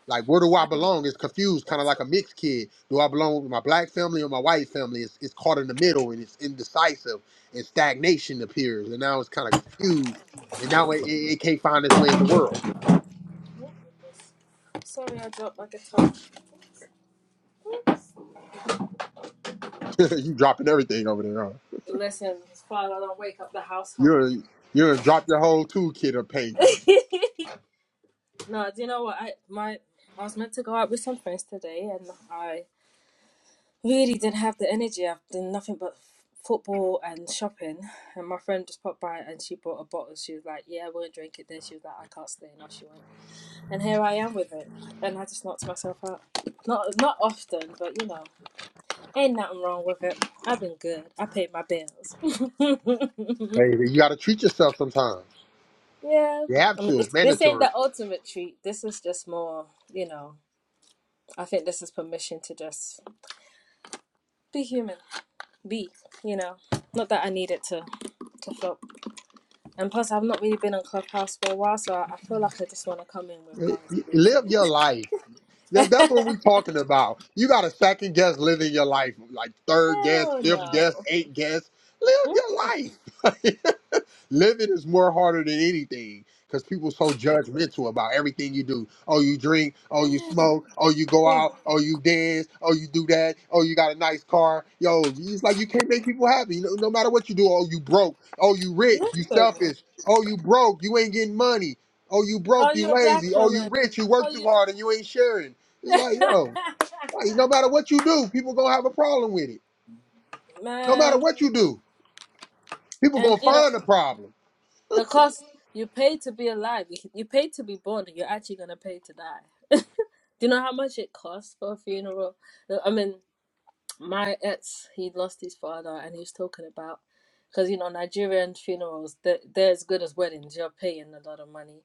[SPEAKER 2] Like, where do I belong? It's confused, kind of like a mixed kid. Do I belong with my black family or my white family? It's, it's caught in the middle and it's indecisive and stagnation appears. And now it's kind of confused. And now it, it, it can't find its way in the world.
[SPEAKER 1] Oh goodness! Sorry, I dropped my guitar.
[SPEAKER 2] you dropping everything over there. Huh?
[SPEAKER 1] Listen, it's fine. I don't wake up the household.
[SPEAKER 2] You're, you're gonna drop your whole toolkit of paint.
[SPEAKER 1] No, do you know what? I my I was meant to go out with some friends today, and I really didn't have the energy. I've done nothing but f- football and shopping. And my friend just popped by, and she bought a bottle. She was like, "Yeah, we'll drink it." Then she was like, "I can't stay," and off she went. And here I am with it, and I just knocked myself out. Not not often, but you know, ain't nothing wrong with it. I've been good. I paid my bills.
[SPEAKER 2] Hey, you got to treat yourself sometimes.
[SPEAKER 1] yeah,
[SPEAKER 2] You have
[SPEAKER 1] I mean,
[SPEAKER 2] to.
[SPEAKER 1] this
[SPEAKER 2] It's
[SPEAKER 1] this ain't
[SPEAKER 2] mandatory.
[SPEAKER 1] the ultimate treat. This is just more, you know. I think this is permission to just be human, be, you know. Not that I need it to, to flop. And plus, I've not really been on Clubhouse for a while, so I feel like I just want to come in with guns blazing.
[SPEAKER 2] Live your life. That, that's what we're talking about. You got a second guess living your life, like third guess,
[SPEAKER 1] Hell
[SPEAKER 2] fifth
[SPEAKER 1] no.
[SPEAKER 2] guess, eighth guess.
[SPEAKER 1] Mm,
[SPEAKER 2] Live your life. Living is more harder than anything because people so judgmental about everything you do. Oh, you drink. Oh, you smoke. Oh, you go out. Oh, you dance. Oh, you do that. Oh, you got a nice car. Yo, it's like you can't make people happy. No, no matter what you do. Oh, you broke. Oh, you rich. You
[SPEAKER 1] Listen.
[SPEAKER 2] selfish. Oh, you broke. You ain't getting money. Oh, you broke,
[SPEAKER 1] Oh,
[SPEAKER 2] you
[SPEAKER 1] you're a black
[SPEAKER 2] lazy. Oh,
[SPEAKER 1] woman.
[SPEAKER 2] you rich, you
[SPEAKER 1] Oh,
[SPEAKER 2] work too
[SPEAKER 1] you.
[SPEAKER 2] hard and you ain't sharing. It's like, yo, like, no matter what you do, people gonna have a problem with it. No matter
[SPEAKER 1] Man.
[SPEAKER 2] what you do, people
[SPEAKER 1] And,
[SPEAKER 2] gonna
[SPEAKER 1] you know,
[SPEAKER 2] find a problem.
[SPEAKER 1] the cost you pay to be alive, you, you pay to be born, and you're actually going to pay to die. Do you know how much it costs for a funeral? I mean, my ex he lost his father and he was talking about because you know nigerian funerals they're, they're as good as weddings you're paying a lot of money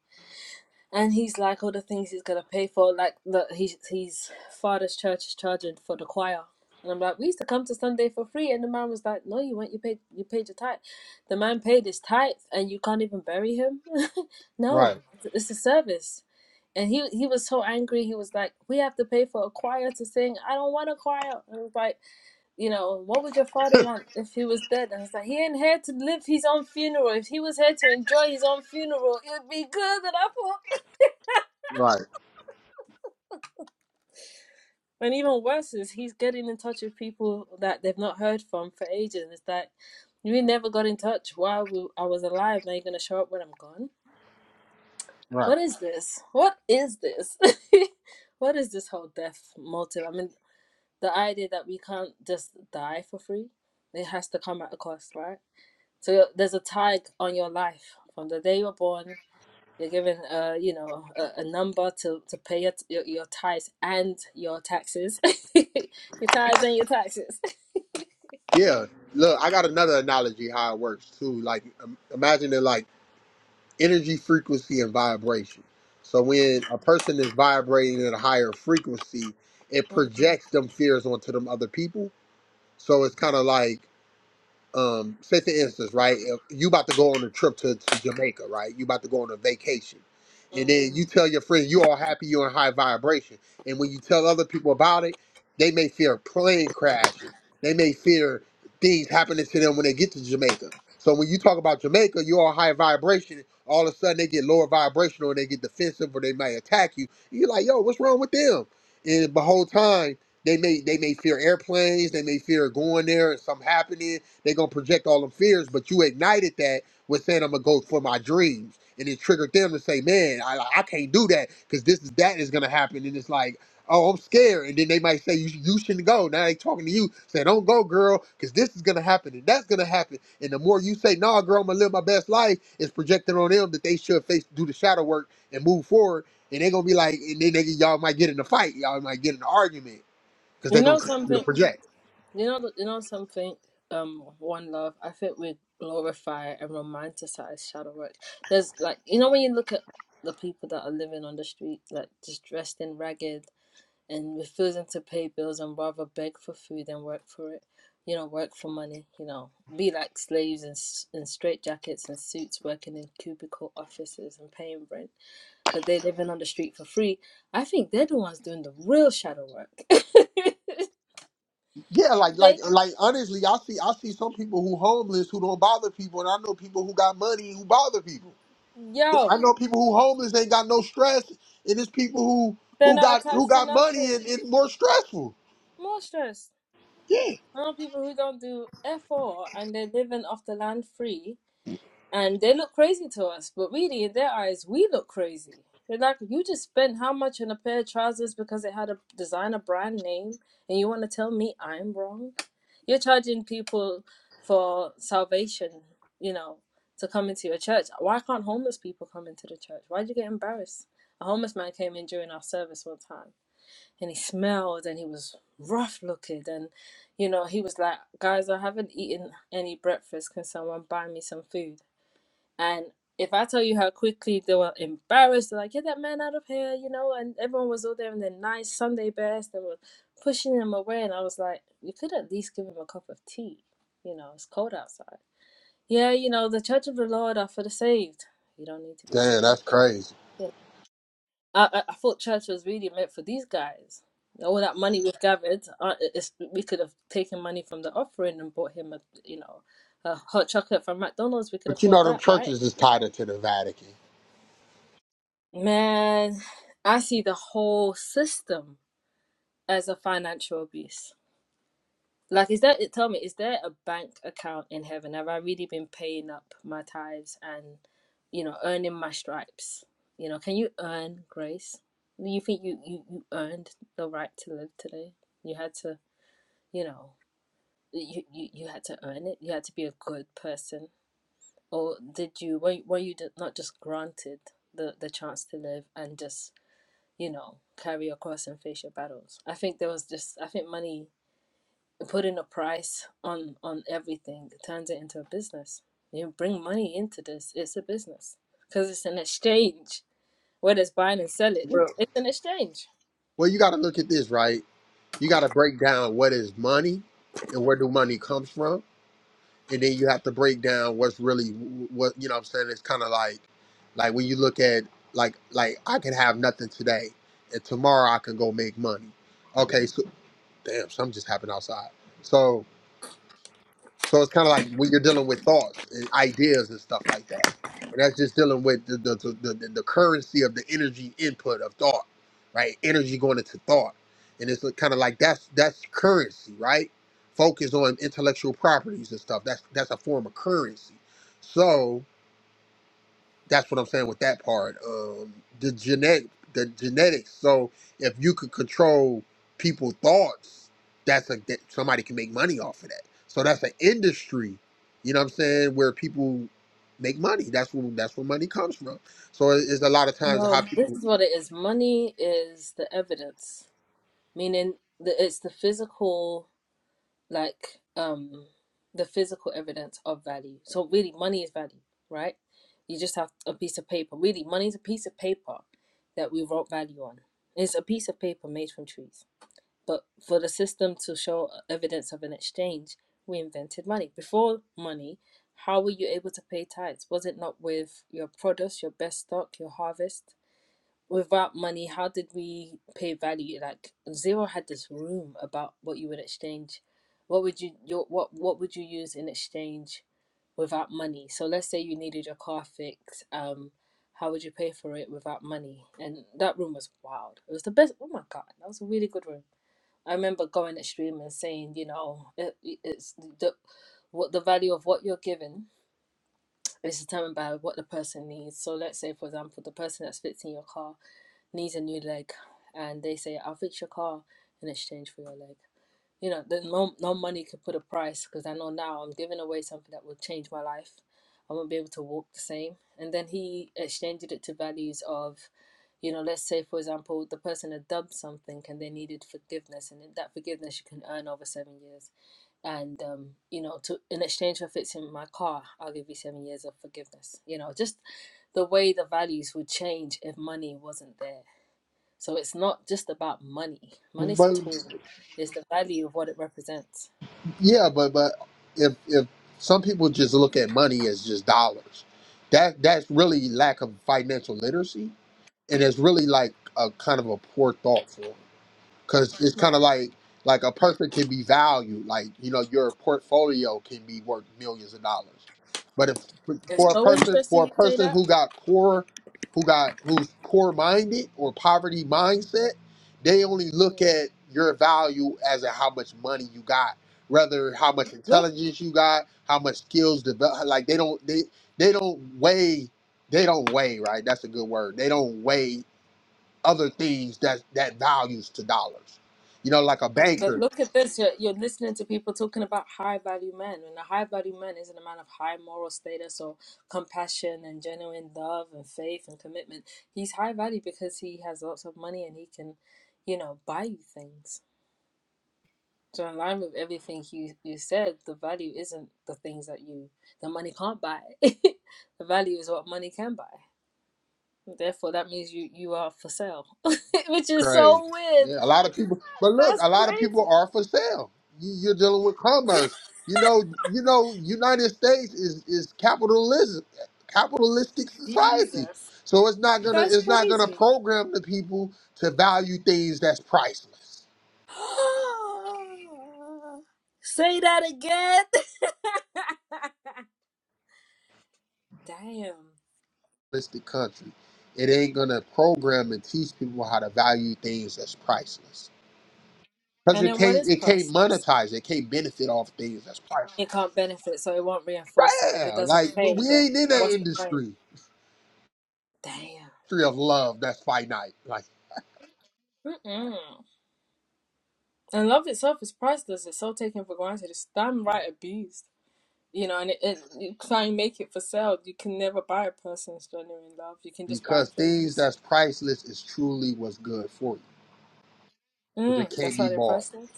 [SPEAKER 1] and he's like all the things he's gonna pay for like the he's his father's church is charging for the choir and i'm like we used to come to sunday for free and the man was like no you went you paid you paid your tithe the man paid his tithe and you can't even bury him no
[SPEAKER 2] Right,
[SPEAKER 1] it's it's a service and he he was so angry he was like we have to pay for a choir to sing i don't want a choir i was like you know, what would your father want if he was dead? And it's like, he ain't here to live his own funeral. If he was here to enjoy his own funeral, it would be good. And I thought,
[SPEAKER 2] right,
[SPEAKER 1] and even worse is he's getting in touch with people that they've not heard from for ages. It's like, we never got in touch while we, I was alive. Now you're going to show up when I'm gone?
[SPEAKER 2] right.
[SPEAKER 1] What is this? What is this? what is this whole death motive? I mean, the idea that we can't just die for free, it has to come at a cost, right? So there's a tag on your life from the day you're born. You're given, uh, you know, a, a number to to pay your, your your tithes and your taxes, your tithes and your taxes.
[SPEAKER 2] Yeah. Look, I got another analogy how it works too. Like, im- imagine it like energy, frequency, and vibration. So when a person is vibrating at a higher frequency, it
[SPEAKER 1] Mhm,
[SPEAKER 2] projects them fears onto them other people. So it's kind of like um, say for instance, right, if you about to go on a trip to, to Jamaica, right? You about to go on a vacation. And
[SPEAKER 1] mhm.
[SPEAKER 2] then you tell your friend you all happy you're in high vibration. And when you tell other people about it, they may fear plane crashes. They may fear things happening to them when they get to Jamaica. So when you talk about Jamaica, you all high vibration. All of a sudden they get lower vibrational and they get defensive or they might attack you. And you're like, yo, what's wrong with them? And the whole time they may they may fear airplanes, they may fear going there and something happening they gonna project all them fears, but you ignited that with saying I'm gonna go for my dreams, and it triggered them to say, "Man, I, I can't do that because this is that is gonna happen." And it's like, "Oh, I'm scared," and then they might say, "You you shouldn't go." Now they talking to you, saying, "Don't go, girl, because this is gonna happen and that's gonna happen." And the more you say, "Nah, girl, I'm gonna live my best life," it's projecting on them that they should face do the shadow work and move forward. And they gonna be like, and then they, y'all might get in a fight, y'all might get in an argument because
[SPEAKER 1] You
[SPEAKER 2] they
[SPEAKER 1] know
[SPEAKER 2] gonna continue
[SPEAKER 1] something.
[SPEAKER 2] to project.
[SPEAKER 1] You know. You know something. Um, one love. I think we glorify and romanticize shadow work. There's like you know when you look at the people that are living on the street, like just dressed in ragged and refusing to pay bills and rather beg for food than work for it. You know, work for money. You know, be like slaves in, s- in straitjackets and suits, working in cubicle offices and paying rent, but they're living on the street for free. I think they're the ones doing the real shadow work.
[SPEAKER 2] Yeah, like like
[SPEAKER 1] they,
[SPEAKER 2] like honestly, I see I see some people who homeless who don't bother people, and I know people who got money who bother people. I know
[SPEAKER 1] yo,
[SPEAKER 2] people who homeless ain't got no stress, and it's people who
[SPEAKER 1] they're
[SPEAKER 2] who
[SPEAKER 1] not
[SPEAKER 2] got who
[SPEAKER 1] attached to
[SPEAKER 2] got money
[SPEAKER 1] nothing.
[SPEAKER 2] and, it's more stressful.
[SPEAKER 1] More stress.
[SPEAKER 2] Yeah.
[SPEAKER 1] I know people who don't do not do f O and they're living off the land free and they look crazy to us, but really in their eyes, we look crazy. They're like, you just spent how much on a pair of trousers because it had a designer brand name, and you want to tell me I'm wrong? You're charging people for salvation, you know, to come into your church. Why can't homeless people come into the church? why do you get embarrassed? A homeless man came in during our service one time, and he smelled, and he was rough looking, and you know, he was like, guys, I haven't eaten any breakfast. Can someone buy me some food? And if I tell you how quickly they were embarrassed, they're like, get that man out of here, you know, and everyone was all there in their nice Sunday best. They were pushing him away. And I was like, you could at least give him a cup of tea. You know, it's cold outside. Yeah, you know, the church of the Lord are for the saved. You don't need to be
[SPEAKER 2] Damn,
[SPEAKER 1] saved.
[SPEAKER 2] that's crazy.
[SPEAKER 1] Yeah. I, I, I thought church was really meant for these guys. All that money we've gathered, uh, it's, we could have taken money from the offering and bought him a, you know, a hot chocolate from McDonald's. We could
[SPEAKER 2] But you
[SPEAKER 1] afford
[SPEAKER 2] know them
[SPEAKER 1] that, right?
[SPEAKER 2] churches is tied into the Vatican.
[SPEAKER 1] Man, I see the whole system as a financial abuse. Like, is that it? Tell me, is there a bank account in heaven? Have I really been paying up my tithes and, you know, earning my stripes? You know, can you earn grace? Do you think you, you, you earned the right to live today? You had to, you know, you, you, you had to earn it. You had to be a good person. Or did you, were, were you d- not just granted the, the chance to live and just you know, carry across and face your battles. I think there was just I think money putting a price on on everything turns it into a business. You bring money into this, it's a business because it's an exchange. where it's buying and selling,
[SPEAKER 2] Well,
[SPEAKER 1] it's an exchange.
[SPEAKER 2] well you gotta look at this, right? You gotta break down what is money and where do money comes from and then you have to break down what's really what you know what i'm saying it's kind of like like when you look at like like i can have nothing today and tomorrow i can go make money okay so damn something just happened outside So. So it's kind of like when you're dealing with thoughts and ideas and stuff like that. And that's just dealing with the, the, the, the, the currency of the energy input of thought, right? Energy going into thought. And it's kind of like that's that's currency, right? Focus on intellectual properties and stuff. That's that's a form of currency. So that's what I'm saying with that part. Um, the genetic, the genetics. So if you could control people's thoughts, that's a that somebody can make money off of that. So that's an industry. You know what I'm saying? Where people make money. That's where that's where money comes from. So it- it's a lot of times how
[SPEAKER 1] No, this
[SPEAKER 2] people.
[SPEAKER 1] is what it is. Money is the evidence, meaning that it's the physical. like um the physical evidence of value. So really money is value, right? You just have a piece of paper. Really, money is a piece of paper that we wrote value on. It's a piece of paper made from trees. But for the system to show evidence of an exchange, we invented money. Before money, how were you able to pay tithes? Was it not with your produce, your best stock, your harvest? without money, how did we pay value? Like Zero had this room about what you would exchange. What would you your what what would you use in exchange without money? So let's say you needed your car fixed. Um, how would you pay for it without money? And that room was wild. It was the best. Oh my god, that was a really good room. I remember going extreme and saying, you know, it, it's the what the value of what you're given and it's determined by what the person needs. So let's say, for example, the person that's fixing your car needs a new leg, and they say, "I'll fix your car in exchange for your leg." You know, there's no no money could put a price because I know now I'm giving away something that will change my life. I won't be able to walk the same. And then he exchanged it to values of, you know, let's say, for example, the person had dubbed something and they needed forgiveness, and that forgiveness you can earn over seven years and um, you know, to in exchange for fixing my car, I'll give you seven years of forgiveness. You know, just the way the values would change if money wasn't there. So it's not just about money. Money's a
[SPEAKER 2] But
[SPEAKER 1] tool. It's the value of what it represents.
[SPEAKER 2] yeah, but but if if some people just look at money as just dollars, that that's really lack of financial literacy, and it's really like a kind of a poor thought form. because it's kind
[SPEAKER 1] Right.
[SPEAKER 2] of like like a person can be valued like you know your portfolio can be worth millions of dollars but if
[SPEAKER 1] It's
[SPEAKER 2] for a
[SPEAKER 1] so
[SPEAKER 2] person
[SPEAKER 1] interesting
[SPEAKER 2] for a
[SPEAKER 1] you say
[SPEAKER 2] person
[SPEAKER 1] that.
[SPEAKER 2] who got poor who got who's poor minded or poverty mindset they only
[SPEAKER 1] Mm.
[SPEAKER 2] look at your value as in how much money you got rather how much
[SPEAKER 1] Look.
[SPEAKER 2] intelligence you got how much skills develop like they don't they they don't weigh they don't weigh right that's a good word they don't weigh other things that that values to dollars. You know, like a
[SPEAKER 1] But
[SPEAKER 2] banker.
[SPEAKER 1] look at this. You're, you're listening to people talking about high value men, and a high value man isn't a man of high moral status or compassion and genuine love and faith and commitment. He's high value because he has lots of money and he can, you know, buy you things. So in line with everything you you said, the value isn't the things that you the money can't buy. the value is what money can buy. Therefore, that means you you are for sale, which is
[SPEAKER 2] Crazy.
[SPEAKER 1] so weird.
[SPEAKER 2] Yeah, a
[SPEAKER 1] Oh
[SPEAKER 2] lot
[SPEAKER 1] my
[SPEAKER 2] of people.
[SPEAKER 1] God,
[SPEAKER 2] But look,
[SPEAKER 1] that's
[SPEAKER 2] a lot of people are
[SPEAKER 1] crazy.
[SPEAKER 2] for sale. You, you're dealing with commerce. You know, you know, United States is is capitalism, capitalistic society.
[SPEAKER 1] Jesus.
[SPEAKER 2] So it's not gonna
[SPEAKER 1] That's
[SPEAKER 2] it's not gonna
[SPEAKER 1] crazy.
[SPEAKER 2] program the people to value things that's priceless.
[SPEAKER 1] Say that again. Damn.
[SPEAKER 2] Capitalistic country. It ain't gonna program and teach people how to value things that's priceless. Cause
[SPEAKER 1] And
[SPEAKER 2] it
[SPEAKER 1] then what
[SPEAKER 2] can't,
[SPEAKER 1] is
[SPEAKER 2] it can't
[SPEAKER 1] priceless?
[SPEAKER 2] monetize. It can't benefit off things that's priceless.
[SPEAKER 1] It can't benefit, so it won't reinforce it. If it
[SPEAKER 2] Yeah,
[SPEAKER 1] doesn't
[SPEAKER 2] like we
[SPEAKER 1] pay,
[SPEAKER 2] we
[SPEAKER 1] then
[SPEAKER 2] ain't in that
[SPEAKER 1] what's the point?
[SPEAKER 2] industry,
[SPEAKER 1] Damn.
[SPEAKER 2] industry of love that's finite. Like
[SPEAKER 1] Mm-mm. And love itself is priceless. It's so taken for granted. It's damn right abused. You know, and it, it you can't make it for sale. You can never buy a person's genuine love. You can just buy
[SPEAKER 2] because things
[SPEAKER 1] things.
[SPEAKER 2] that's priceless is truly what's good for you. Cause
[SPEAKER 1] Mm,
[SPEAKER 2] it can't
[SPEAKER 1] that's why
[SPEAKER 2] be
[SPEAKER 1] they're
[SPEAKER 2] bought.
[SPEAKER 1] priceless.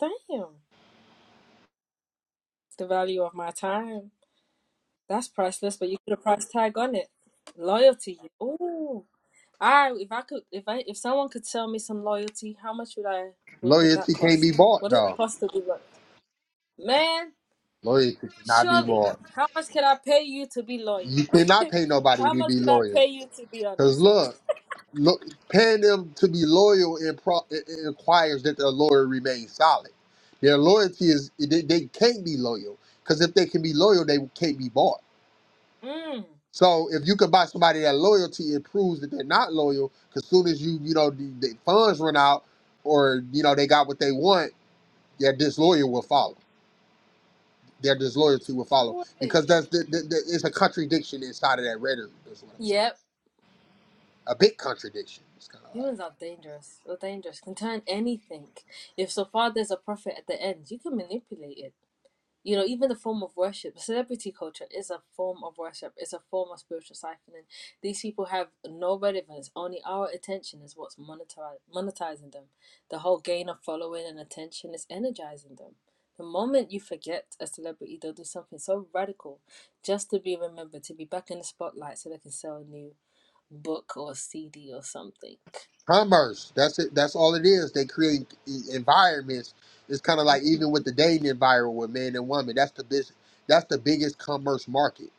[SPEAKER 1] Damn. The value of my time. That's priceless, but you put a price tag on it. Loyalty. Ooh. I if I could if I if someone could sell me some loyalty, how much would I would, would that
[SPEAKER 2] Loyalty can't be
[SPEAKER 1] cost?
[SPEAKER 2] bought,
[SPEAKER 1] What does it
[SPEAKER 2] though.
[SPEAKER 1] cost to be loyal? Man,
[SPEAKER 2] Loyalty cannot be
[SPEAKER 1] surely.
[SPEAKER 2] bought.
[SPEAKER 1] How much can I pay you to be loyal?
[SPEAKER 2] You cannot pay nobody
[SPEAKER 1] How
[SPEAKER 2] to
[SPEAKER 1] much
[SPEAKER 2] be
[SPEAKER 1] can I
[SPEAKER 2] loyal.
[SPEAKER 1] pay you to be
[SPEAKER 2] Cause
[SPEAKER 1] honest?
[SPEAKER 2] look. lo- paying them to be loyal and pro- it- it requires that their loyalty remains solid. Their loyalty is they, they can't be loyal because if they can be loyal, they can't be bought.
[SPEAKER 1] Mm.
[SPEAKER 2] So if you can buy somebody that loyalty, it proves that they're not loyal. Because soon as you you know the, the funds run out or you know they got what they want, their disloyal will follow. Their disloyalty will follow because
[SPEAKER 1] Boy.
[SPEAKER 2] that's the, the, the, it's a contradiction inside of that rhetoric. Is what I'm saying.
[SPEAKER 1] Yep.
[SPEAKER 2] A big contradiction. It's kind of like.
[SPEAKER 1] Humans are dangerous. Or dangerous. Can turn anything. If so far there's a profit at the end, you can manipulate it. you know, even the form of worship, celebrity culture is a form of worship, it's a form of spiritual siphoning. These people have no relevance, only our attention is what's monetizing them. The whole gain of following and attention is energizing them. The moment you forget a celebrity, they'll do something so radical just to be remembered, to be back in the spotlight so they can sell a new book or CD or something.
[SPEAKER 2] commerce. That's it. That's all it is. They create e- environments. It's kind of like even with the dating environment with men and women. That's the business. That's the biggest commerce market.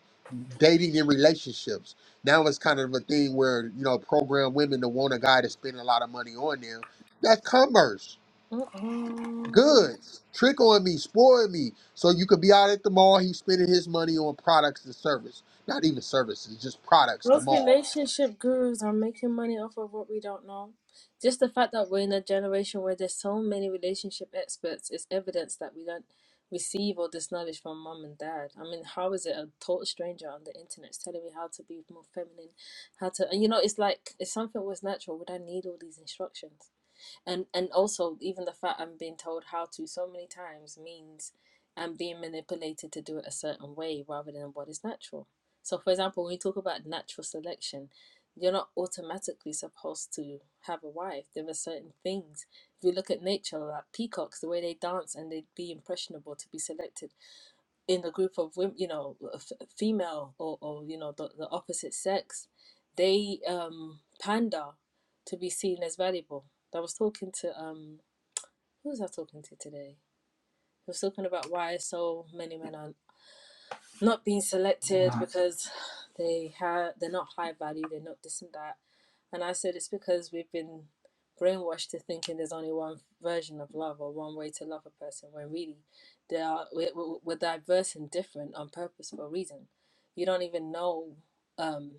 [SPEAKER 2] Dating and relationships. Now it's kind of a thing where you know program women to want a guy to spend a lot of money on them. That's commerce.
[SPEAKER 1] Mm-mm.
[SPEAKER 2] Goods. Trick on me. Spoil me. So you could be out at the mall. He's spending his money on products and service. Not even services, just products. The
[SPEAKER 1] Most
[SPEAKER 2] mall.
[SPEAKER 1] relationship gurus are making money off of what we don't know. Just the fact that we're in a generation where there's so many relationship experts is evidence that we don't receive all this knowledge from mom and dad. I mean, how is it a total stranger on the internet is telling me how to be more feminine, how to, and you know, it's like, if something was natural, would I need all these instructions? and and also even the fact I'm being told how to so many times means I'm being manipulated to do it a certain way rather than what is natural. So, for example, when we talk about natural selection, you're not automatically supposed to have a wife. There are certain things. If you look at nature, like peacocks, the way they dance and they'd be impressionable to be selected in the group of women, you know, f- female or, or you know the, the opposite sex, they um, pander to be seen as valuable. I was talking to um, who was I talking to today? I was talking about why so many men are not being selected because they have they're not high value, they're not this and that and I said it's because we've been brainwashed to thinking there's only one version of love or one way to love a person, when really there are, we're, we're diverse and different on purpose for a reason. You don't even know. Um,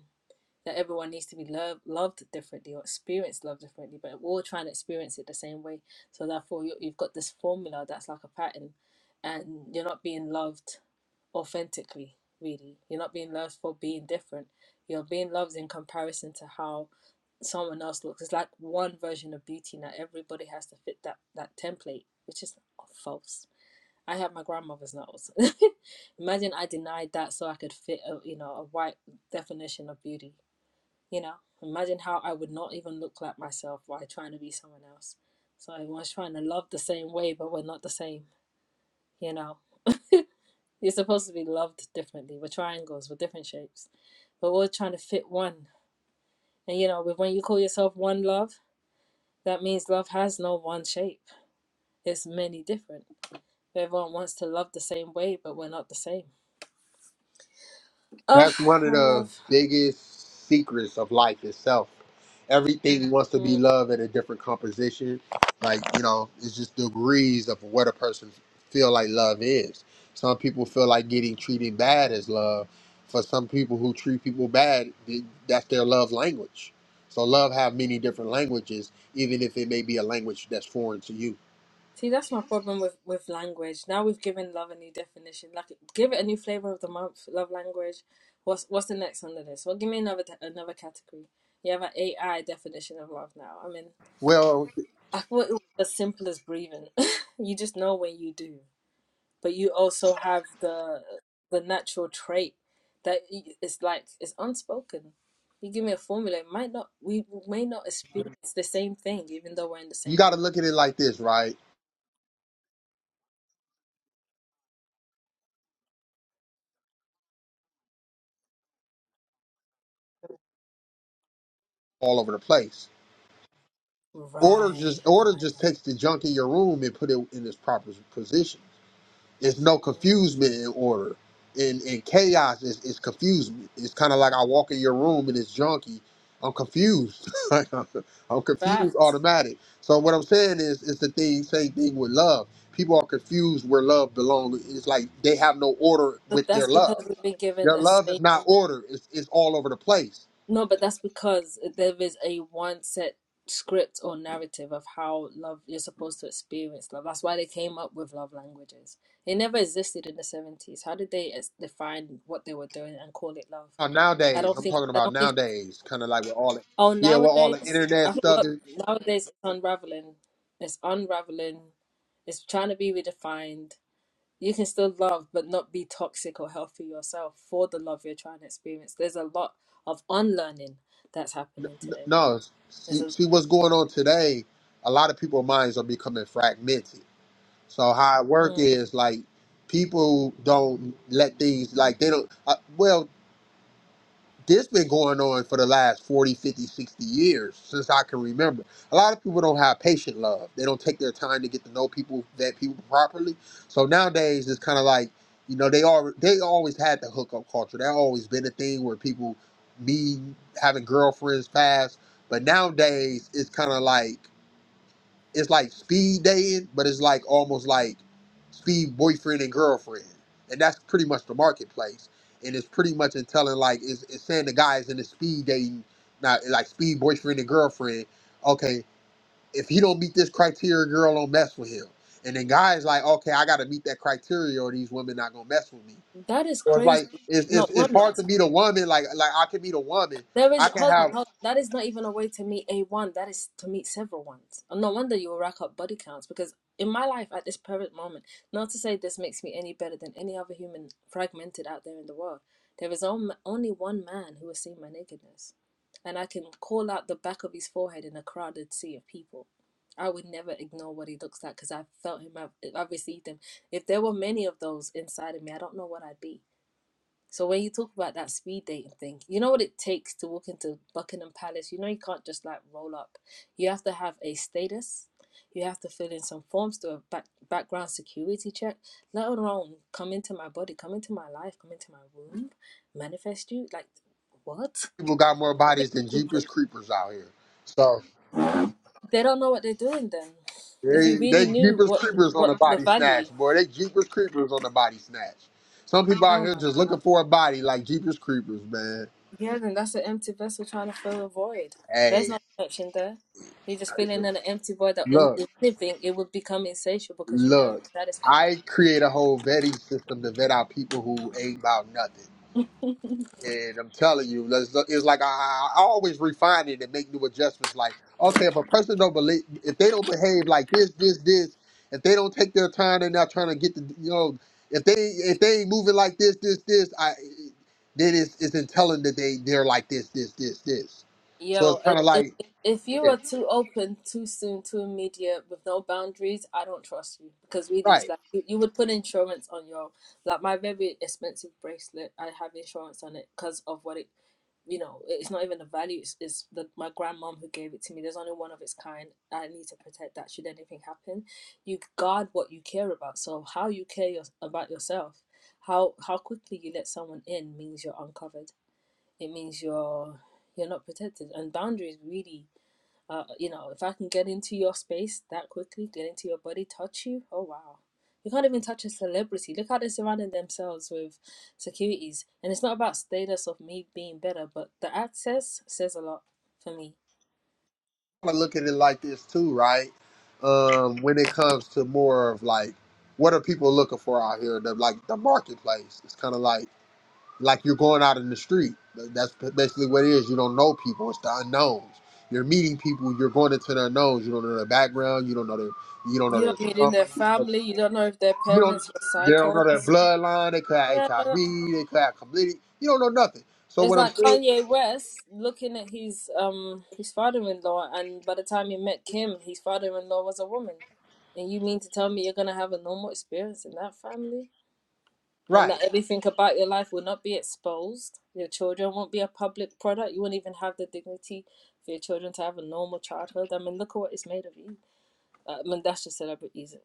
[SPEAKER 1] that everyone needs to be loved loved differently or experienced love differently, but we're all trying to experience it the same way. So therefore, you, have got this formula that's like a pattern, and you're not being loved authentically. Really, you're not being loved for being different. You're being loved in comparison to how someone else looks. It's like one version of beauty now. Everybody has to fit that that template, which is false. I had my grandmother's nose. Imagine I denied that so I could fit a you know a white definition of beauty you know, imagine how I would not even look like myself while trying to be someone else. So everyone's trying to love the same way, but we're not the same. You know, you're supposed to be loved differently. We're triangles, we're different shapes, but we're trying to fit one. And you know, with when you call yourself one love, that means love has no one shape. It's many different. Everyone wants to love the same way, but we're not the same. Ah,
[SPEAKER 2] That's one of
[SPEAKER 1] one
[SPEAKER 2] the
[SPEAKER 1] love.
[SPEAKER 2] biggest secrets of life itself. Everything wants to
[SPEAKER 1] Mm.
[SPEAKER 2] be loved at a different composition. Like, you know, it's just degrees of what a person feel like love is. Some people feel like getting treated bad is love. For some people who treat people bad, th- that's their love language. So love have many different languages, even if it may be a language that's foreign to you.
[SPEAKER 1] See, that's my problem with with language. Now we've given love a new definition. Like, give it a new flavor of the month. Love language. What's what's the next under this? Well, give me another te- another category. You have an AI definition of love now. I mean,
[SPEAKER 2] Well,
[SPEAKER 1] I thought it was as simple as breathing. you just know when you do, but you also have the the natural trait that y- it's like it's unspoken. You give me a formula, it might not. We may not experience the same thing, even though we're in the
[SPEAKER 2] you
[SPEAKER 1] same
[SPEAKER 2] got to
[SPEAKER 1] room.
[SPEAKER 2] look at it like this, right? All over the place Order
[SPEAKER 1] Right,
[SPEAKER 2] just
[SPEAKER 1] I
[SPEAKER 2] order
[SPEAKER 1] like
[SPEAKER 2] just
[SPEAKER 1] that.
[SPEAKER 2] takes the junk in your room and put it in its proper position. It's no
[SPEAKER 1] Mm.
[SPEAKER 2] confusement in order. In in chaos, it's, it's confusement. It's kind of like I walk in your room and it's junky. I'm confused. Like, I'm, I'm confused
[SPEAKER 1] Facts.
[SPEAKER 2] automatic. So what I'm saying is, it's the thing same thing with love. People are confused where love belongs. It's like they have no order
[SPEAKER 1] But
[SPEAKER 2] with their
[SPEAKER 1] that's because
[SPEAKER 2] love.
[SPEAKER 1] we've been given
[SPEAKER 2] Their
[SPEAKER 1] a
[SPEAKER 2] love
[SPEAKER 1] say.
[SPEAKER 2] is not order. It's it's all over the place.
[SPEAKER 1] No, but that's because there is a one set script or narrative of how love you're supposed to experience love. That's why they came up with love languages. It never existed in the seventies. How did they es- define what they were doing and call it love?
[SPEAKER 2] Uh,
[SPEAKER 1] I
[SPEAKER 2] nowadays,
[SPEAKER 1] don't
[SPEAKER 2] I'm
[SPEAKER 1] think.
[SPEAKER 2] talking
[SPEAKER 1] I
[SPEAKER 2] about
[SPEAKER 1] don't think.
[SPEAKER 2] nowadays, kind of like with all the,
[SPEAKER 1] Oh,
[SPEAKER 2] yeah, with all the
[SPEAKER 1] nowadays,
[SPEAKER 2] internet
[SPEAKER 1] I
[SPEAKER 2] stuff.
[SPEAKER 1] look,
[SPEAKER 2] it-
[SPEAKER 1] nowadays it's unraveling. It's unraveling. It's trying to be redefined. You can still love, but not be toxic or healthy yourself for the love you're trying to experience. There's a lot of unlearning that's happening today.
[SPEAKER 2] No,
[SPEAKER 1] There's
[SPEAKER 2] see,
[SPEAKER 1] a
[SPEAKER 2] see what's going on today. A lot of people's minds are becoming fragmented. So how it work
[SPEAKER 1] mm,
[SPEAKER 2] is like people don't let things like they don't. Uh, well, this been going on for the last 40, 50, 60 years since i can remember a lot of people don't have patient love they don't take their time to get to know people vet people properly so nowadays it's kind of like you know they are they always had the hookup culture that always been a thing where people me having girlfriends fast but nowadays it's kind of like it's like speed dating, but it's like almost like speed boyfriend and girlfriend, and that's pretty much the marketplace. And it's pretty much in telling like it's, it's saying the guy is in the speed dating, not like speed boyfriend and girlfriend. Okay, if he don't meet this criteria, girl don't mess with him. And then guys like, okay, I gotta meet that criteria, or these women not gonna mess with me.
[SPEAKER 1] that is
[SPEAKER 2] So it's
[SPEAKER 1] crazy.
[SPEAKER 2] like it's it's,
[SPEAKER 1] Not
[SPEAKER 2] it's
[SPEAKER 1] one
[SPEAKER 2] hard
[SPEAKER 1] last.
[SPEAKER 2] to meet a woman. Like like I can meet a woman.
[SPEAKER 1] There
[SPEAKER 2] I
[SPEAKER 1] is,
[SPEAKER 2] can
[SPEAKER 1] hold on,
[SPEAKER 2] have
[SPEAKER 1] hold on. That is not even a way to meet a one. That is to meet several ones. And no wonder you will rack up body counts because in my life at this present moment, not to say this makes me any better than any other human fragmented out there in the world, there is on- only one man who has seen my nakedness. And I can call out the back of his forehead in a crowded sea of people. I would never ignore what he looks like because I've felt him, I've, I've received him. If there were many of those inside of me, I don't know what I'd be so when you talk about that speed dating thing, you know what it takes to walk into Buckingham Palace. You know you can't just like roll up. You have to have a status. You have to fill in some forms to a back, background security check. Let alone come into my body, come into my life, come into my womb, manifest you. Like what?
[SPEAKER 2] people got more bodies than Jeepers Creepers out here. So.
[SPEAKER 1] They don't know what they're doing. Then, if you
[SPEAKER 2] They,
[SPEAKER 1] really
[SPEAKER 2] they
[SPEAKER 1] knew
[SPEAKER 2] jeepers
[SPEAKER 1] what
[SPEAKER 2] creepers on a
[SPEAKER 1] what the
[SPEAKER 2] body
[SPEAKER 1] value.
[SPEAKER 2] snatch, boy. They jeepers creepers on a body snatch. Some people out
[SPEAKER 1] Oh
[SPEAKER 2] here
[SPEAKER 1] my
[SPEAKER 2] just looking for a body like jeepers creepers, man.
[SPEAKER 1] Yeah, then that's an empty vessel trying to fill a void. There's
[SPEAKER 2] Hey,
[SPEAKER 1] no connection there. You're just filling in an empty void. That in-
[SPEAKER 2] look,
[SPEAKER 1] if anything, it would become insatiable because you'll never
[SPEAKER 2] look.
[SPEAKER 1] be satisfied.
[SPEAKER 2] I create a whole vetting system to vet out people who ain't about nothing. And I'm telling you, let's- it's like I, I I always refine it and make new adjustments. Like, okay, if a person don't believe, if they don't behave like this, this, this, if they don't take their time, they're not trying to get the, you know, if they if they ain't moving like this, this, this, I then it's it's in telling that they they're like this, this, this, this. So
[SPEAKER 1] Yo,
[SPEAKER 2] it's
[SPEAKER 1] i-
[SPEAKER 2] kind of
[SPEAKER 1] if
[SPEAKER 2] like,
[SPEAKER 1] if you
[SPEAKER 2] yeah,
[SPEAKER 1] are too open, too soon, too immediate, with no boundaries, I don't trust you because really, it's
[SPEAKER 2] right.
[SPEAKER 1] like you, you would put insurance on your like my very expensive bracelet. I have insurance on it because of what it you know, it's not even the value. It's, it's the my grandmom who gave it to me. There's only one of its kind. I need to protect that. Should anything happen, you guard what you care about. So how you care your, about yourself, how how quickly you let someone in means you're uncovered. It means you're you're not protected. And boundaries really uh, you know, if I can get into your space that quickly, get into your body, touch you, oh wow. You can't even touch a celebrity. Look how they're surrounding themselves with securities. And it's not about status of me being better, but the access says a lot for me.
[SPEAKER 2] I look at it like this too, right? Um, when it comes to more of like, what are people looking for out here? The like the marketplace. It's kind of like. like you're going out in the street. That's basically what it is. You don't know people. It's the unknowns. You're meeting people. You're going into the unknowns. You don't know their background. You don't know their you don't know
[SPEAKER 1] You
[SPEAKER 2] their
[SPEAKER 1] don't meet in
[SPEAKER 2] trauma.
[SPEAKER 1] their
[SPEAKER 2] You don't know,
[SPEAKER 1] family. You don't know if their
[SPEAKER 2] you don't
[SPEAKER 1] parents were
[SPEAKER 2] they don't
[SPEAKER 1] psycho.
[SPEAKER 2] know their bloodline. They could have
[SPEAKER 1] Yeah,
[SPEAKER 2] HIV. They could have chlamydia. You don't know nothing. So
[SPEAKER 1] it's
[SPEAKER 2] what I'm
[SPEAKER 1] like
[SPEAKER 2] saying,
[SPEAKER 1] Kanye West looking at his um his father-in-law, and by the time he met Kim, his father-in-law was a woman. And you mean to tell me you're gonna have a normal experience in that family? and that
[SPEAKER 2] right?
[SPEAKER 1] everything about your life will not be exposed. Your children won't be a public product. You won't even have the dignity for your children to have a normal childhood. I mean, look at what it's made of you. Uh, I mean, that's just celebrities.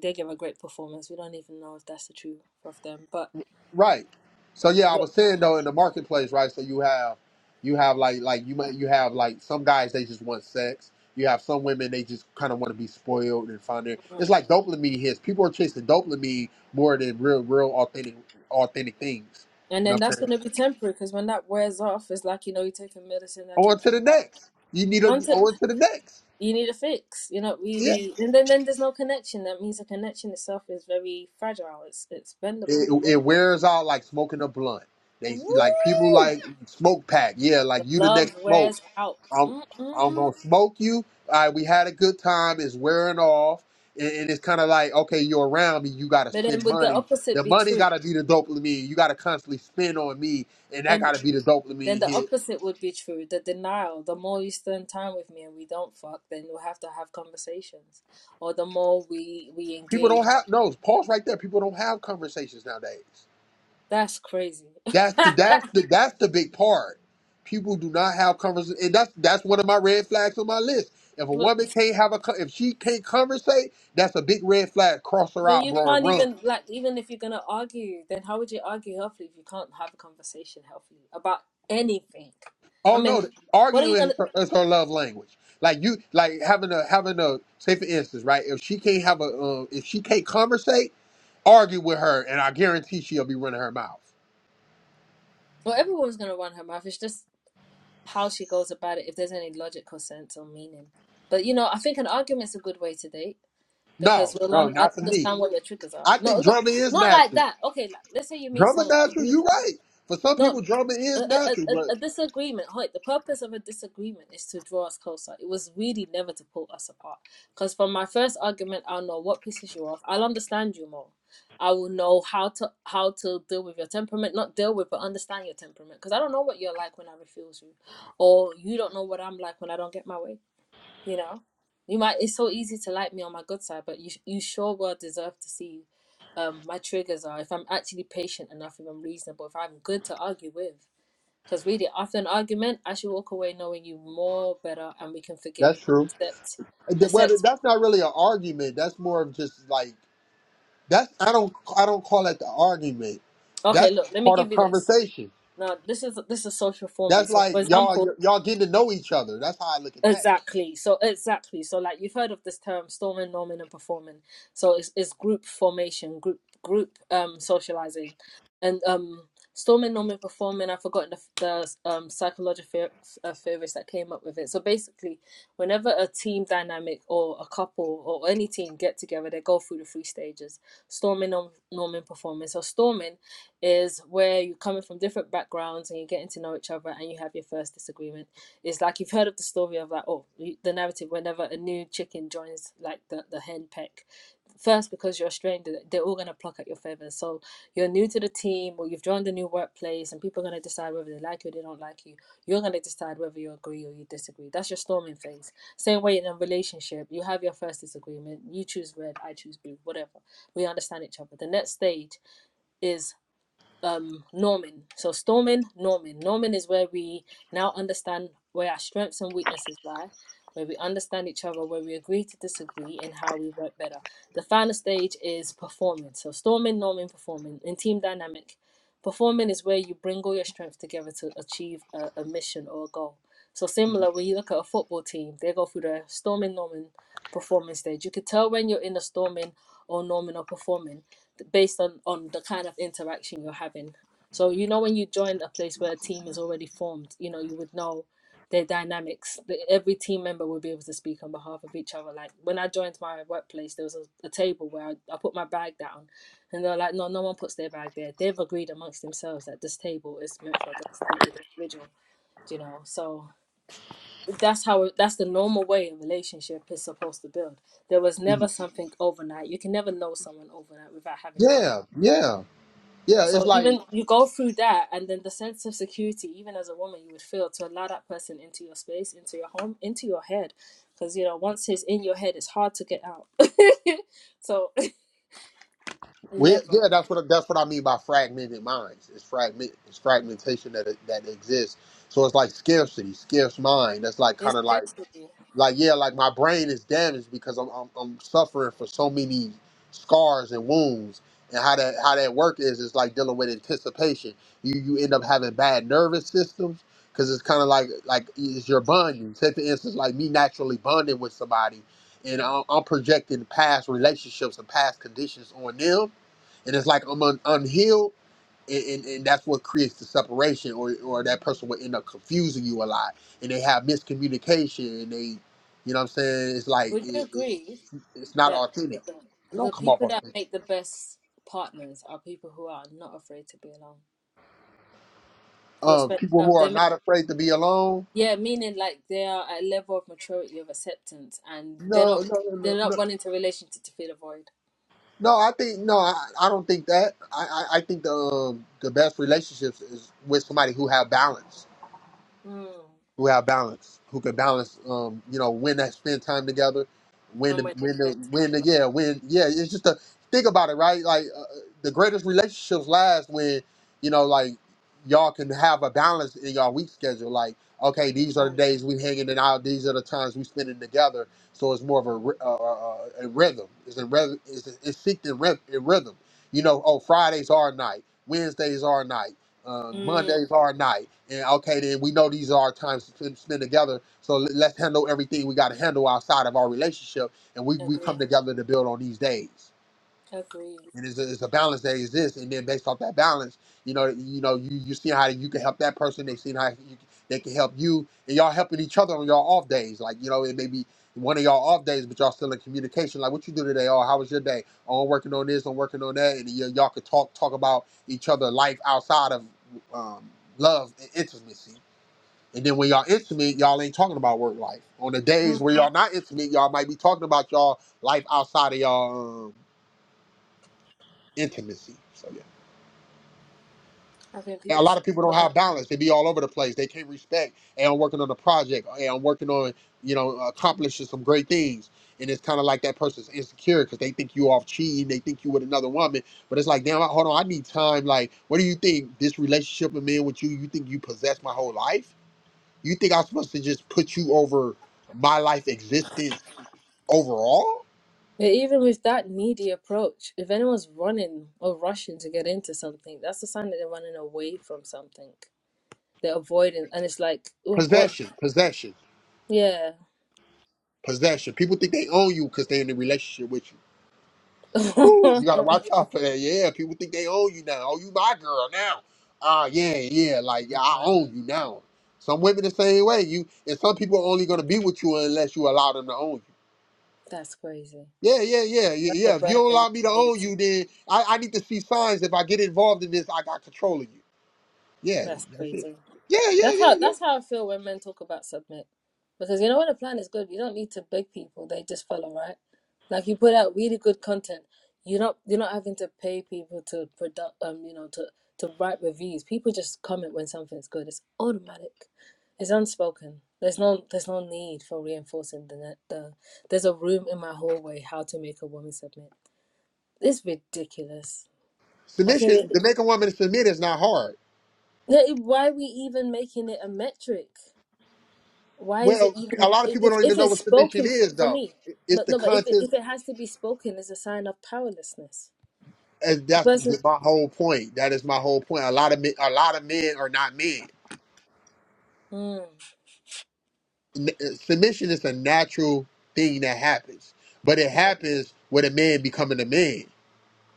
[SPEAKER 1] They give a great performance. We don't even know if that's the truth of them, but.
[SPEAKER 2] Right. So yeah, I was saying though in the marketplace, right? So you have you have like like you might you have like some guys they just want sex. You have some women they just kind of want to be spoiled and find their. It's like dopamine hits. People are chasing dopamine more than real real authentic authentic things.
[SPEAKER 1] And
[SPEAKER 2] You know
[SPEAKER 1] then
[SPEAKER 2] what I'm
[SPEAKER 1] that's going to
[SPEAKER 2] saying?
[SPEAKER 1] be temporary because when that wears off, it's like you know you're taking medicine that
[SPEAKER 2] On
[SPEAKER 1] keeps
[SPEAKER 2] to the
[SPEAKER 1] you high.
[SPEAKER 2] next. You need a
[SPEAKER 1] Onto
[SPEAKER 2] on to the next.
[SPEAKER 1] you need a fix. You're not
[SPEAKER 2] Yeah.
[SPEAKER 1] really, and then then there's no connection. That means the connection itself is very fragile. It's it's
[SPEAKER 2] It,
[SPEAKER 1] bendable,
[SPEAKER 2] it
[SPEAKER 1] moldable.
[SPEAKER 2] wears out like smoking a blunt. They like people
[SPEAKER 1] Woo!
[SPEAKER 2] like smoke pack. Yeah, like you the next
[SPEAKER 1] love
[SPEAKER 2] smoke.
[SPEAKER 1] wears out.
[SPEAKER 2] I'm, I'm
[SPEAKER 1] Mm-mm.
[SPEAKER 2] gonna smoke you. All right, we had a good time. It's wearing off, and, and it's kind of like, okay, you're around me. You gotta
[SPEAKER 1] But then
[SPEAKER 2] spend
[SPEAKER 1] would the
[SPEAKER 2] money.
[SPEAKER 1] opposite
[SPEAKER 2] The
[SPEAKER 1] be
[SPEAKER 2] money
[SPEAKER 1] true?
[SPEAKER 2] gotta be the dopamine. You gotta constantly spend on me, and that
[SPEAKER 1] Then
[SPEAKER 2] gotta be the
[SPEAKER 1] then
[SPEAKER 2] dopamine
[SPEAKER 1] the
[SPEAKER 2] hit.
[SPEAKER 1] opposite would be true. The denial. The more you spend time with me and we don't fuck, then we'll have to have conversations. Or the more we we
[SPEAKER 2] People
[SPEAKER 1] engage,
[SPEAKER 2] don't have no pause right there. People don't have conversations nowadays.
[SPEAKER 1] that's crazy.
[SPEAKER 2] That's the that's the that's the big part. People do not have conversations, and that's that's one of my red flags on my list. If a
[SPEAKER 1] Look,
[SPEAKER 2] woman can't have a, co- if she can't conversate, that's a big red flag. Cross her
[SPEAKER 1] then
[SPEAKER 2] out,
[SPEAKER 1] you
[SPEAKER 2] bro, and
[SPEAKER 1] can't
[SPEAKER 2] run.
[SPEAKER 1] even like even if you're gonna argue, then how would you argue healthily if you can't have a conversation healthily about anything? I
[SPEAKER 2] Oh
[SPEAKER 1] mean,
[SPEAKER 2] no,
[SPEAKER 1] what are you
[SPEAKER 2] arguing
[SPEAKER 1] gonna?
[SPEAKER 2] is her, is her love language. Like you, like having a having a say for instance, right? If she can't have a, um, if she can't conversate, argue with her, and I guarantee she'll be running her mouth.
[SPEAKER 1] Well, everyone's gonna run her mouth. It's just how she goes about it, if there's any logical sense or meaning. But you know, I think an argument's a good way to date
[SPEAKER 2] No,
[SPEAKER 1] because we'll
[SPEAKER 2] no,
[SPEAKER 1] un- I'll
[SPEAKER 2] not for
[SPEAKER 1] understand
[SPEAKER 2] me.
[SPEAKER 1] what your triggers are.
[SPEAKER 2] I
[SPEAKER 1] No,
[SPEAKER 2] think
[SPEAKER 1] not
[SPEAKER 2] drama is
[SPEAKER 1] not like
[SPEAKER 2] natural.
[SPEAKER 1] that. Okay, like, let's say you meet
[SPEAKER 2] Drama
[SPEAKER 1] someone.
[SPEAKER 2] natural. You right. For some people,
[SPEAKER 1] No,
[SPEAKER 2] drama
[SPEAKER 1] a,
[SPEAKER 2] is
[SPEAKER 1] a,
[SPEAKER 2] natural,
[SPEAKER 1] a,
[SPEAKER 2] but
[SPEAKER 1] a disagreement. Hoyt, the purpose of a disagreement is to draw us closer. It was really never to pull us apart. Because from my first argument, I'll know what pisses you off. I'll understand you more. I will know how to how to deal with your temperament, not deal with, but understand your temperament. Because I don't know what you're like when I refuse you, or you don't know what I'm like when I don't get my way. You know, you might. It's so easy to like me on my good side, but you you sure well deserve to see. Um, my triggers are if I'm actually patient enough, if I'm reasonable, if I'm good to argue with. Because really, after an argument, I should walk away knowing you more better, and we can forgive
[SPEAKER 2] that's
[SPEAKER 1] or
[SPEAKER 2] true.
[SPEAKER 1] accept.
[SPEAKER 2] And that- Whether
[SPEAKER 1] Accept.
[SPEAKER 2] that's not really an argument. That's more of just like that's. I don't. I don't call it the argument.
[SPEAKER 1] Okay,
[SPEAKER 2] That's
[SPEAKER 1] look, let me
[SPEAKER 2] part
[SPEAKER 1] give
[SPEAKER 2] of
[SPEAKER 1] you this.
[SPEAKER 2] conversation.
[SPEAKER 1] Now, this is this is social forming.
[SPEAKER 2] That's
[SPEAKER 1] So,
[SPEAKER 2] like
[SPEAKER 1] for
[SPEAKER 2] y'all
[SPEAKER 1] example,
[SPEAKER 2] y- y'all getting to know each other. That's how I look at that.
[SPEAKER 1] Exactly. So exactly. So like you've heard of this term storming, norming and performing. So it's it's group formation, group group um socializing. And um storming, norming, performing, I've forgotten the, the um psychological uh, theorist that came up with it. So basically, whenever a team dynamic or a couple or any team get together, they go through the three stages. Storming, norm, norming, performing. So storming is where you're coming from different backgrounds and you're getting to know each other and you have your first disagreement it's like you've heard of the story of like oh the narrative whenever a new chicken joins like the the hen peck. First, because you're a stranger, they're all gonna pluck at your feathers. So you're new to the team, or you've joined a new workplace, and people are gonna decide whether they like you or they don't like you. You're gonna decide whether you agree or you disagree. That's your storming phase. Same way in a relationship, you have your first disagreement. You choose red, I choose blue, whatever. We understand each other. The next stage is um norming. So storming, norming. Norming is where we now understand where our strengths and weaknesses lie, where we understand each other, where we agree to disagree, and how we work better. The final stage is performing. So storming, norming, performing in team dynamic. Performing is where you bring all your strengths together to achieve a, a mission or a goal. So similar, when you look at a football team, they go through the storming, norming, performing stage. You could tell when you're in the storming or norming or performing based on on the kind of interaction you're having so you know when you join a place where a team is already formed you know you would know their dynamics the, every team member would be able to speak on behalf of each other like when i joined my workplace there was a, a table where I, I put my bag down and they're like no no one puts their bag there they've agreed amongst themselves that this table is meant for the individual you know so that's how that's the normal way a relationship is supposed to build there was never
[SPEAKER 2] Mhm.
[SPEAKER 1] something overnight. You can never know someone overnight without having arguments
[SPEAKER 2] Yeah, yeah, yeah. It's
[SPEAKER 1] so
[SPEAKER 2] like
[SPEAKER 1] even you go through that, and then the sense of security, even as a woman, you would feel to allow that person into your space, into your home, into your head, because you know once it's in your head, it's hard to get out. so
[SPEAKER 2] we
[SPEAKER 1] never,
[SPEAKER 2] yeah. That's what that's what I mean by fragmented minds. It's fragment it's fragmentation that that exists. So it's like scarcity, scarce mind. That's like
[SPEAKER 1] it's
[SPEAKER 2] kind of like
[SPEAKER 1] scarcity.
[SPEAKER 2] like yeah, like my brain is damaged because I'm I'm, I'm suffering for so many scars and wounds. And how that how that work is is like dealing with anticipation. You you end up having bad nervous systems because it's kind of like like is your bonding. Say for instance, like me naturally bonding with somebody, and I'm, I'm projecting past relationships and past conditions on them, and it's like I'm un- unhealed and, and, and that's what creates the separation or, or that person will end up confusing you a lot and they have miscommunication and they you know what i'm saying it's like
[SPEAKER 1] Would you
[SPEAKER 2] it, it,
[SPEAKER 1] agree
[SPEAKER 2] it's not
[SPEAKER 1] that
[SPEAKER 2] authentic
[SPEAKER 1] the
[SPEAKER 2] it don't
[SPEAKER 1] the
[SPEAKER 2] come off
[SPEAKER 1] people that
[SPEAKER 2] authentic
[SPEAKER 1] make the best partners are people who are not afraid to be alone, who are
[SPEAKER 2] um,
[SPEAKER 1] spent
[SPEAKER 2] people who
[SPEAKER 1] enough?
[SPEAKER 2] are
[SPEAKER 1] They make
[SPEAKER 2] not afraid to be alone
[SPEAKER 1] yeah, meaning like they are at a level of maturity of acceptance, and they're
[SPEAKER 2] no
[SPEAKER 1] not
[SPEAKER 2] no no no
[SPEAKER 1] they're not
[SPEAKER 2] no
[SPEAKER 1] running to relationship to fill a void.
[SPEAKER 2] No, i think no i, I don't think that i, I, I think the, um, the best relationships is with somebody who have balance
[SPEAKER 1] Mm.
[SPEAKER 2] who have balance, who can balance, um, you know, when they spend time together, when the,
[SPEAKER 1] somewhere they
[SPEAKER 2] when the,
[SPEAKER 1] spend time
[SPEAKER 2] when the,
[SPEAKER 1] alone.
[SPEAKER 2] yeah, when, yeah, it's just a, think about it, right? Like, uh, the greatest relationships last when, you know, like, y'all can have a balance in y'all week schedule. Like, okay, these are the
[SPEAKER 1] Like,
[SPEAKER 2] days we hanging it out, these are the times we spending together. So it's more of a, ry- uh, uh, uh, a rhythm. It's a rhythm, it's, it's synced in, rhythm, in rhythm. You know, oh, Fridays are night, Wednesdays are night uh,
[SPEAKER 1] mm,
[SPEAKER 2] Mondays are a night, and okay, then we know these are our times to spend spend together. So let- let's handle everything we got to handle outside of our relationship, and we we
[SPEAKER 1] agree,
[SPEAKER 2] come together to build on these days
[SPEAKER 1] agree.
[SPEAKER 2] and it's a, it's a balance that exists. And then based off that balance, you know, you know, you you see how you can help that person. They seen how you, they can help you, and y'all helping each other on y'all off days. Like you know, it may be one of y'all off days, but y'all still in communication. Like what you do today? Oh, how was your day? Oh, I'm working on this. I'm working on that. And y- y'all could talk talk about each other life outside of um, love and intimacy. And then when y'all intimate, y'all ain't talking about work life. On the days
[SPEAKER 1] Mm,
[SPEAKER 2] where y'all not intimate, y'all might be talking about y'all life outside of y'all um, intimacy. So yeah.
[SPEAKER 1] I think
[SPEAKER 2] And a
[SPEAKER 1] people
[SPEAKER 2] lot
[SPEAKER 1] should
[SPEAKER 2] of people
[SPEAKER 1] slow
[SPEAKER 2] don't
[SPEAKER 1] down.
[SPEAKER 2] have balance. They be all over the place. They can't respect. And I'm working on a project. And I'm working on, you know, accomplishing some great things. And it's kind of like that person's insecure because they think you off cheating. They think you with another woman. But it's like, damn, I- hold on, I need time. Like, what do you think this relationship with me and with you? You think you possess my whole life? You think I'm supposed to just put you over my life existence overall?
[SPEAKER 1] But even with that needy approach, if anyone's running or rushing to get into something, that's a sign that they're running away from something. They're avoiding, and it's like, oh, what?
[SPEAKER 2] Possession, possession,
[SPEAKER 1] Yeah,
[SPEAKER 2] possession. People think they own you because they're in a relationship with you Woo, you gotta watch out for that. Yeah, people think they own you now. Oh, you my girl now. Ah, yeah, yeah. Like yeah, I
[SPEAKER 1] No.
[SPEAKER 2] own you now. Some women the same way. You and some people are only gonna be with you unless you allow them to own you.
[SPEAKER 1] that's crazy.
[SPEAKER 2] Yeah, yeah, yeah, y-
[SPEAKER 1] That's a
[SPEAKER 2] yeah. If you
[SPEAKER 1] bird
[SPEAKER 2] don't
[SPEAKER 1] and a
[SPEAKER 2] allow me to own
[SPEAKER 1] cage.
[SPEAKER 2] you, then I, I need to see signs. If I get involved in this, I got control of you. Yeah,
[SPEAKER 1] That's
[SPEAKER 2] that's it.
[SPEAKER 1] crazy.
[SPEAKER 2] Yeah, yeah,
[SPEAKER 1] That's how
[SPEAKER 2] yeah, yeah.
[SPEAKER 1] that's how I feel when men talk about submit. Because you know when a plan is good, you don't need to beg people, they just follow, right? Like you put out really good content. You're not you're not having to pay people to product um, you know, to to write reviews. People just comment when something's good. It's automatic. It's unspoken. There's no there's no need for reinforcing the net the there's a room in my hallway how to make a woman submit. It's ridiculous. I feel
[SPEAKER 2] Submission
[SPEAKER 1] it,
[SPEAKER 2] to make a woman submit is not hard.
[SPEAKER 1] yeah, why are we even making it a metric? why is it
[SPEAKER 2] Well,
[SPEAKER 1] even
[SPEAKER 2] a lot of people
[SPEAKER 1] if
[SPEAKER 2] don't even
[SPEAKER 1] if
[SPEAKER 2] know
[SPEAKER 1] it's
[SPEAKER 2] what submission
[SPEAKER 1] spoken for,
[SPEAKER 2] is,
[SPEAKER 1] for
[SPEAKER 2] though.
[SPEAKER 1] me
[SPEAKER 2] It's
[SPEAKER 1] but
[SPEAKER 2] the
[SPEAKER 1] no but if it,
[SPEAKER 2] content.
[SPEAKER 1] if it has to be spoken is a sign of powerlessness
[SPEAKER 2] And
[SPEAKER 1] the
[SPEAKER 2] that's
[SPEAKER 1] person
[SPEAKER 2] th- my whole point. That is my whole point. A lot of men, a lot of men are not men.
[SPEAKER 1] mm,
[SPEAKER 2] N- uh, Submission is a natural thing that happens, but it happens with a man becoming a man.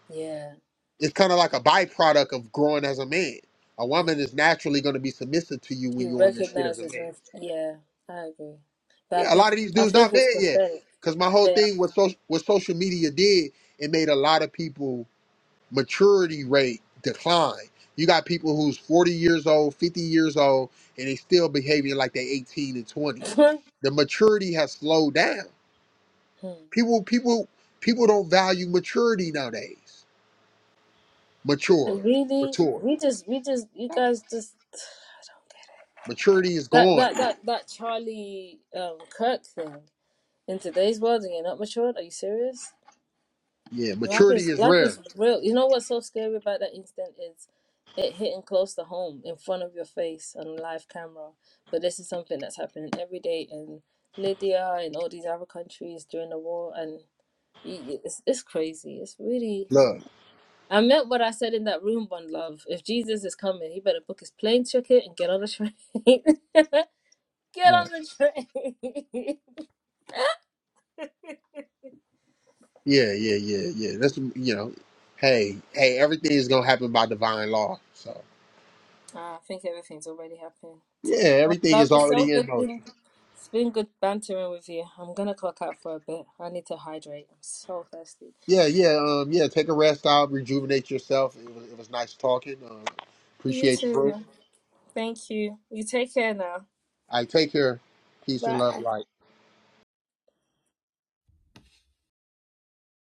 [SPEAKER 1] yeah
[SPEAKER 2] It's kind of like a byproduct of growing as a man. A
[SPEAKER 1] yeah
[SPEAKER 2] woman is naturally going to be submissive to you when
[SPEAKER 1] she
[SPEAKER 2] you're on your shit as a
[SPEAKER 1] recognizes
[SPEAKER 2] man.
[SPEAKER 1] when yeah i agree but i
[SPEAKER 2] Yeah, a
[SPEAKER 1] think
[SPEAKER 2] lot of these
[SPEAKER 1] i
[SPEAKER 2] dudes
[SPEAKER 1] think
[SPEAKER 2] not men
[SPEAKER 1] it's
[SPEAKER 2] yet.
[SPEAKER 1] prophetic
[SPEAKER 2] Because my whole
[SPEAKER 1] they
[SPEAKER 2] thing with social, what social media did, it made a lot of people maturity rate decline. You got people who's 40 years old, 50 years old, and they still behaving like they 18 and 20.
[SPEAKER 1] are
[SPEAKER 2] The maturity has slowed down.
[SPEAKER 1] Hmm.
[SPEAKER 2] People, people, people don't value maturity nowadays. Mature,
[SPEAKER 1] And really
[SPEAKER 2] mature.
[SPEAKER 1] we just we just you guys just i don't get
[SPEAKER 2] Maturity is
[SPEAKER 1] it that
[SPEAKER 2] gone.
[SPEAKER 1] that that, that charlie um kirk thing in today's world and you're not matured are you serious
[SPEAKER 2] Yeah,
[SPEAKER 1] Life is
[SPEAKER 2] maturity is
[SPEAKER 1] life is
[SPEAKER 2] rare.
[SPEAKER 1] real. You know what's so scary about that incident is it hitting close to home in front of your face on live camera. But this is something that's happening every day in Libya and all these other countries during the war, and y- it's it's crazy. It's really.
[SPEAKER 2] Love.
[SPEAKER 1] I meant what I said in that room, one love. If Jesus is coming, he better book his plane ticket and get on the train. get on
[SPEAKER 2] Right.
[SPEAKER 1] the train.
[SPEAKER 2] Yeah, yeah, yeah, yeah. That's you know, hey, hey, everything is gonna happen by divine law. So
[SPEAKER 1] Ah, I think everything's already happened.
[SPEAKER 2] yeah,
[SPEAKER 1] Well,
[SPEAKER 2] everything
[SPEAKER 1] love,
[SPEAKER 2] is
[SPEAKER 1] it's so
[SPEAKER 2] already in
[SPEAKER 1] good.
[SPEAKER 2] motion.
[SPEAKER 1] Been, it's been good bantering with you. I'm gonna clock out for a bit. I need to hydrate. I'm so thirsty.
[SPEAKER 2] Yeah, yeah, um, yeah. Take a rest out, rejuvenate yourself. It was, it was nice talking. Um,
[SPEAKER 1] You
[SPEAKER 2] appreciate the room.
[SPEAKER 1] too. Thank you. You take care now.
[SPEAKER 2] I take care. Peace and
[SPEAKER 1] Bye.
[SPEAKER 2] love. Life.